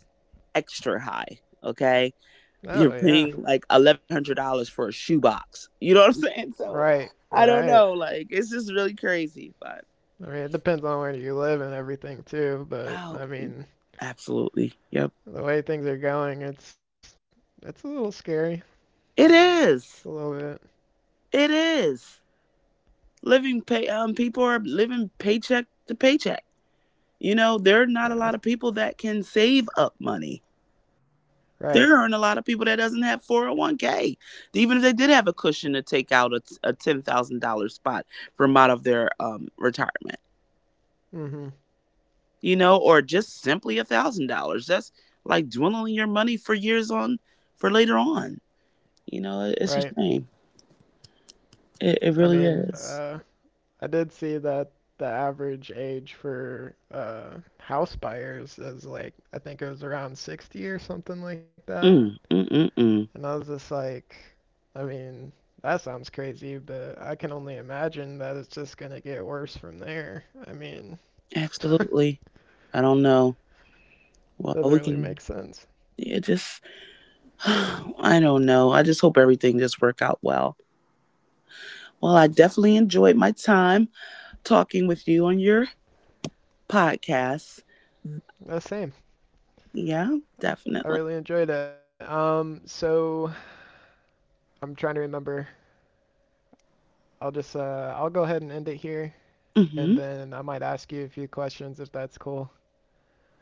[SPEAKER 2] extra high. Okay.
[SPEAKER 1] Oh yeah.
[SPEAKER 2] You're paying like $1,100 for a shoebox. You know what I'm saying?
[SPEAKER 1] Right.
[SPEAKER 2] So I
[SPEAKER 1] Right.
[SPEAKER 2] don't know. Like it's just really crazy. But
[SPEAKER 1] I mean, it depends on where you live and everything too, but I
[SPEAKER 2] oh,
[SPEAKER 1] mean,
[SPEAKER 2] absolutely. Yep.
[SPEAKER 1] the way things are going, it's a little scary.
[SPEAKER 2] It
[SPEAKER 1] It's a little
[SPEAKER 2] is.
[SPEAKER 1] bit.
[SPEAKER 2] It is. Living pay People are living paycheck to paycheck. You know, there are
[SPEAKER 1] Yeah.
[SPEAKER 2] not a lot of people that can save up money.
[SPEAKER 1] Right.
[SPEAKER 2] There aren't a lot of people that doesn't have 401k. Even if they did have a cushion to take out a $10,000 spot from out of their retirement.
[SPEAKER 1] Mhm.
[SPEAKER 2] You know, or just simply $1,000. That's like dwindling your money for years on for later on. You know,
[SPEAKER 1] Right.
[SPEAKER 2] it's a shame.
[SPEAKER 1] I
[SPEAKER 2] It really
[SPEAKER 1] mean,
[SPEAKER 2] is.
[SPEAKER 1] I did see that the average age for house buyers is like, I think it was around 60 or something like that.
[SPEAKER 2] Mm, mm, mm,
[SPEAKER 1] And
[SPEAKER 2] mm.
[SPEAKER 1] I was just like, I mean, that sounds crazy, but I can only imagine that it's just going to get worse from there. I mean, it
[SPEAKER 2] Absolutely. I don't know. Well, we
[SPEAKER 1] doesn't
[SPEAKER 2] can.
[SPEAKER 1] really make sense.
[SPEAKER 2] Yeah, just I don't know. I just hope everything just work out well. Well, I definitely enjoyed my time talking with you on your podcast.
[SPEAKER 1] The same.
[SPEAKER 2] Yeah, definitely.
[SPEAKER 1] I really enjoyed it. So I'm trying to remember. I'll just I'll go ahead and end it here,
[SPEAKER 2] Hmm.
[SPEAKER 1] and then I might ask you a few questions if that's cool.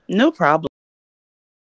[SPEAKER 2] No problem.